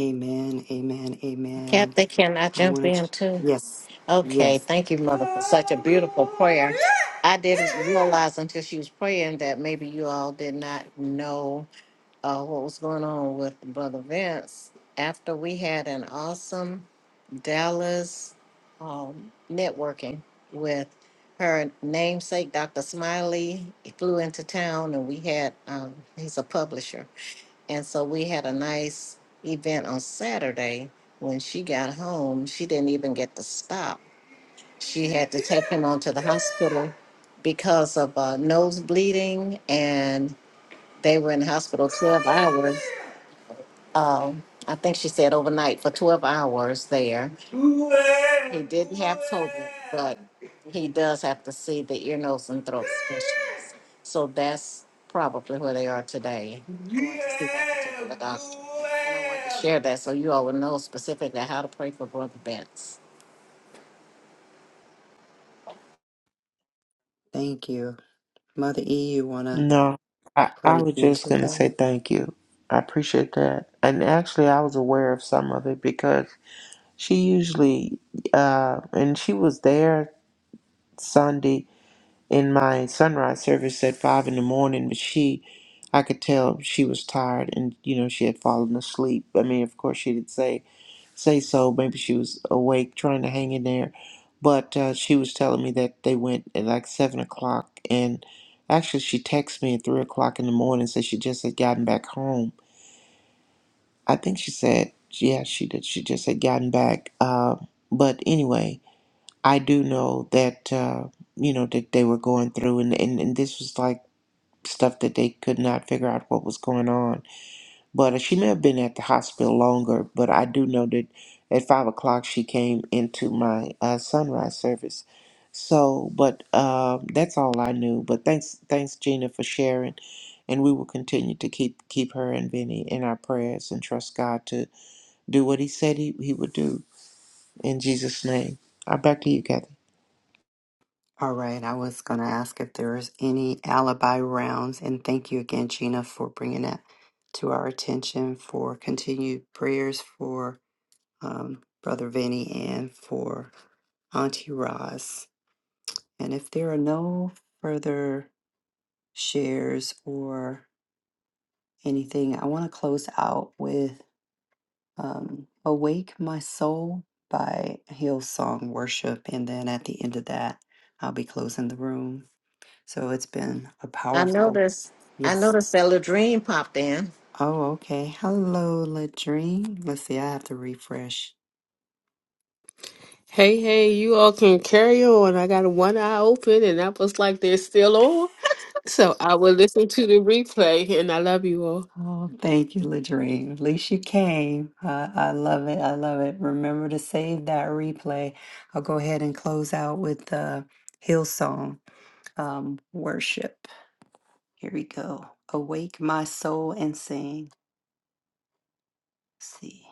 Amen. Amen. Amen. Kathy, can I I jump want in to, too? yes. Okay, Yes. thank you, Mother, for such a beautiful prayer. I didn't realize until she was praying that maybe you all did not know uh, what was going on with Brother Vince after we had an awesome Dallas um, networking with her namesake, Dr. Smiley. He flew into town and we had, um, he's a publisher. And so we had a nice event on Saturday. When she got home, she didn't even get to stop. She had to take him onto the hospital because of uh, nose bleeding and they were in the hospital 12 hours um, I think she said overnight for 12 hours there. He didn't have COVID, but he does have to see the ear, nose, and throat specialist. So that's probably where they are today. Going to see that particular doctor. I wanted to share that so you all will know specifically how to pray for Brother Betts. Thank you. Mother E, you want to No, I, I pray was just into going to say that? thank you. I appreciate that. And actually, I was aware of some of it because she usually, uh, and she was there Sunday in my sunrise service at five in the morning, but she, I could tell she was tired and, you know, she had fallen asleep. I mean, of course, she didn't say say so. Maybe she was awake, trying to hang in there. But uh, she was telling me that they went at like seven o'clock, and actually, she texted me at three o'clock in the morning. Said she just had gotten back home. I think she said, yeah, she did. She just had gotten back. Uh, but anyway, I do know that uh, you know that they were going through, and, and and this was like stuff that they could not figure out what was going on but she may have been at the hospital longer, but I do know that at five o'clock she came into my uh, sunrise service. So, but uh, that's all I knew. But thanks, thanks Gina for sharing, and we will continue to keep keep her and Vinny in our prayers and trust God to do what He said He, he would do in Jesus' name. I'm back to you, Kathy. All right. I was going to ask if there is any alibi rounds. And thank you again, Gina, for bringing that to our attention for continued prayers for um, Brother Vinny and for Auntie Roz. And if there are no further shares or anything, I want to close out with um, Awake My Soul by Hillsong Worship. And then at the end of that, I'll be closing the room. So it's been a I powerful, noticed, I yes. noticed that Ladrine popped in. Oh, okay. Hello, Ladrine. Let's see, I have to refresh. Hey, hey, you all can carry on. I got one eye open and I was like, they're still on. So I will listen to the replay and I love you all. Oh, thank you, Ladrine. At least you came. I, I love it. I love it. Remember to save that replay. I'll go ahead and close out with the Hillsong um, worship. Here we go. Awake my soul and sing. Let's see.